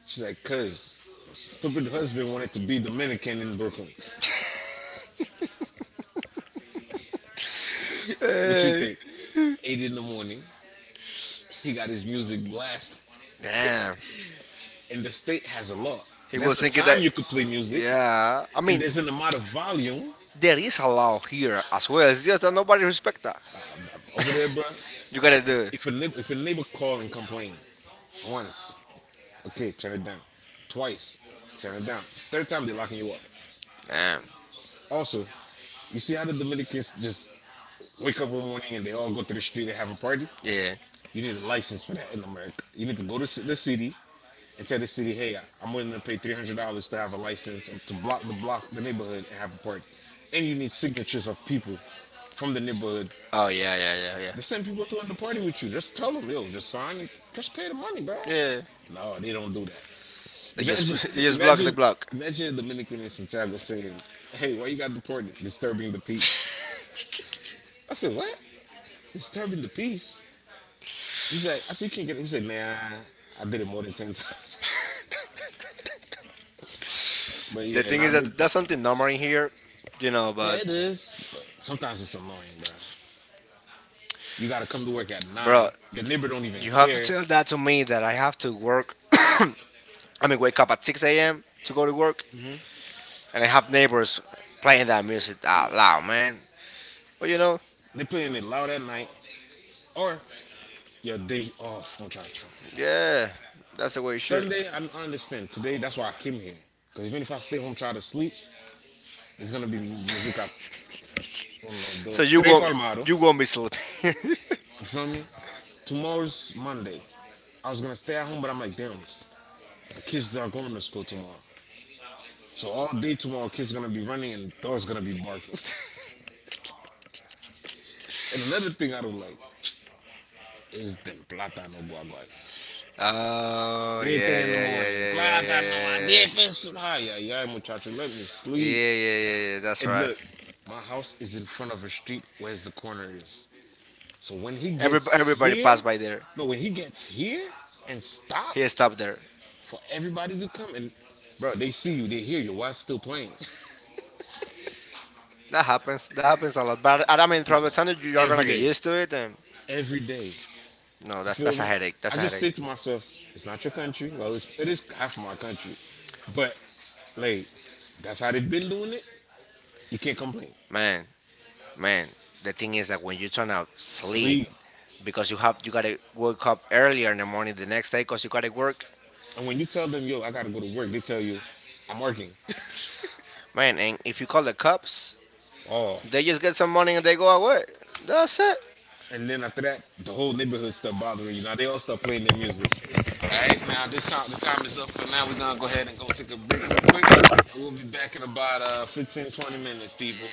She's like, cause stupid husband wanted to be Dominican in Brooklyn. What you think? Eight in the morning, he got his music blast, Damn. And and the state has a law. There's a time you could play music, yeah. I and mean, there's an amount of volume. there is a law here as well. It's just that nobody respect that. Over there, bro. You gotta do it. If a neighbor call and complain, once, okay, turn it down. Twice, turn it down. Third time, they're locking you up. Damn. Also, you see how the Dominicans just wake up one morning and they all go to the street and have a party? Yeah. You need a license for that in America. You need to go to the city and tell the city, hey, I'm willing to pay $300 to have a license and to block, the neighborhood, and have a party. And you need signatures of people from the neighborhood. Oh yeah, yeah, yeah, yeah. The same people to the the party with you. Just tell them, yo, just sign and just pay the money, dog. Yeah. No, they don't do that. They. Imagine, imagine, imagine a Dominican in Santiago saying, "Hey, why you got deported? Disturbing the peace." I said, what? Disturbing the peace. He's like, I said, you can't get it. He said, man, I did it more than 10 times. But The yeah, and thing I is did. that that's something normal in here. Yeah, But it is. But sometimes it's annoying, bro. You got to come to work at You bro, 9. Your neighbor don't even you have to care. tell that to me that I have to work. I mean, wake up at 6 a.m. to go to work, and I have neighbors playing that music out loud, man. But you know, They playing it loud at night. Or your day off. Don't try to try. yeah, that's the way it should. Sunday, I understand. Today, that's why I came here. Because even if I stay home, try to sleep, there's going to be music. So you So you today work won't, called with Mado. You you won't work be sleeping. with. You feel me? Tomorrow's Monday. I was gonna stay at home, but I'm like, damn, the kids not going to school tomorrow. So all day tomorrow, kids gonna be running and dogs gonna be barking. And another thing I don't like is the plata no guagua. Oh yeah, Siete in the yeah, yeah, morning, yeah, plata no yeah. Line back up. Yeah, yeah, yeah. aguipes. Eso es Ah, higher, yeah, yeah, yeah, muchacho, yeah, let me sleep, sleep. yeah, yeah, yeah. That's. And And right. Look, look, my house is in front of a street where the corner is. So when he Every, gets everybody here, passed by there. no, when he gets here He and stops, stops. stopped there. For everybody to come and bro, they see you, they hear you. Why it's still playing? That happens. That happens a lot. But I mean, from the time you are gonna Every get day. used to it, and Every day. no, You that's feel a me? headache. I I That's a just said headache. to myself, it's not your country. Well, it is half my country. But like that's how they've been doing it. You can't complain. Man, man. The thing is that when you're trying to sleep, Sleep. because you gotta wake up earlier in the morning the next day, cause you gotta work. And when you tell them, yo, I gotta go to work, they tell you, I'm working. Man, and if you call the cops, Oh. they just get some money and they go away. That's it. And then after that, the whole neighborhood start bothering you. Now they all start playing their music. Now the time is up for now. We're gonna go ahead and go take a break real quick. We'll be back in about 15, 20 minutes, people.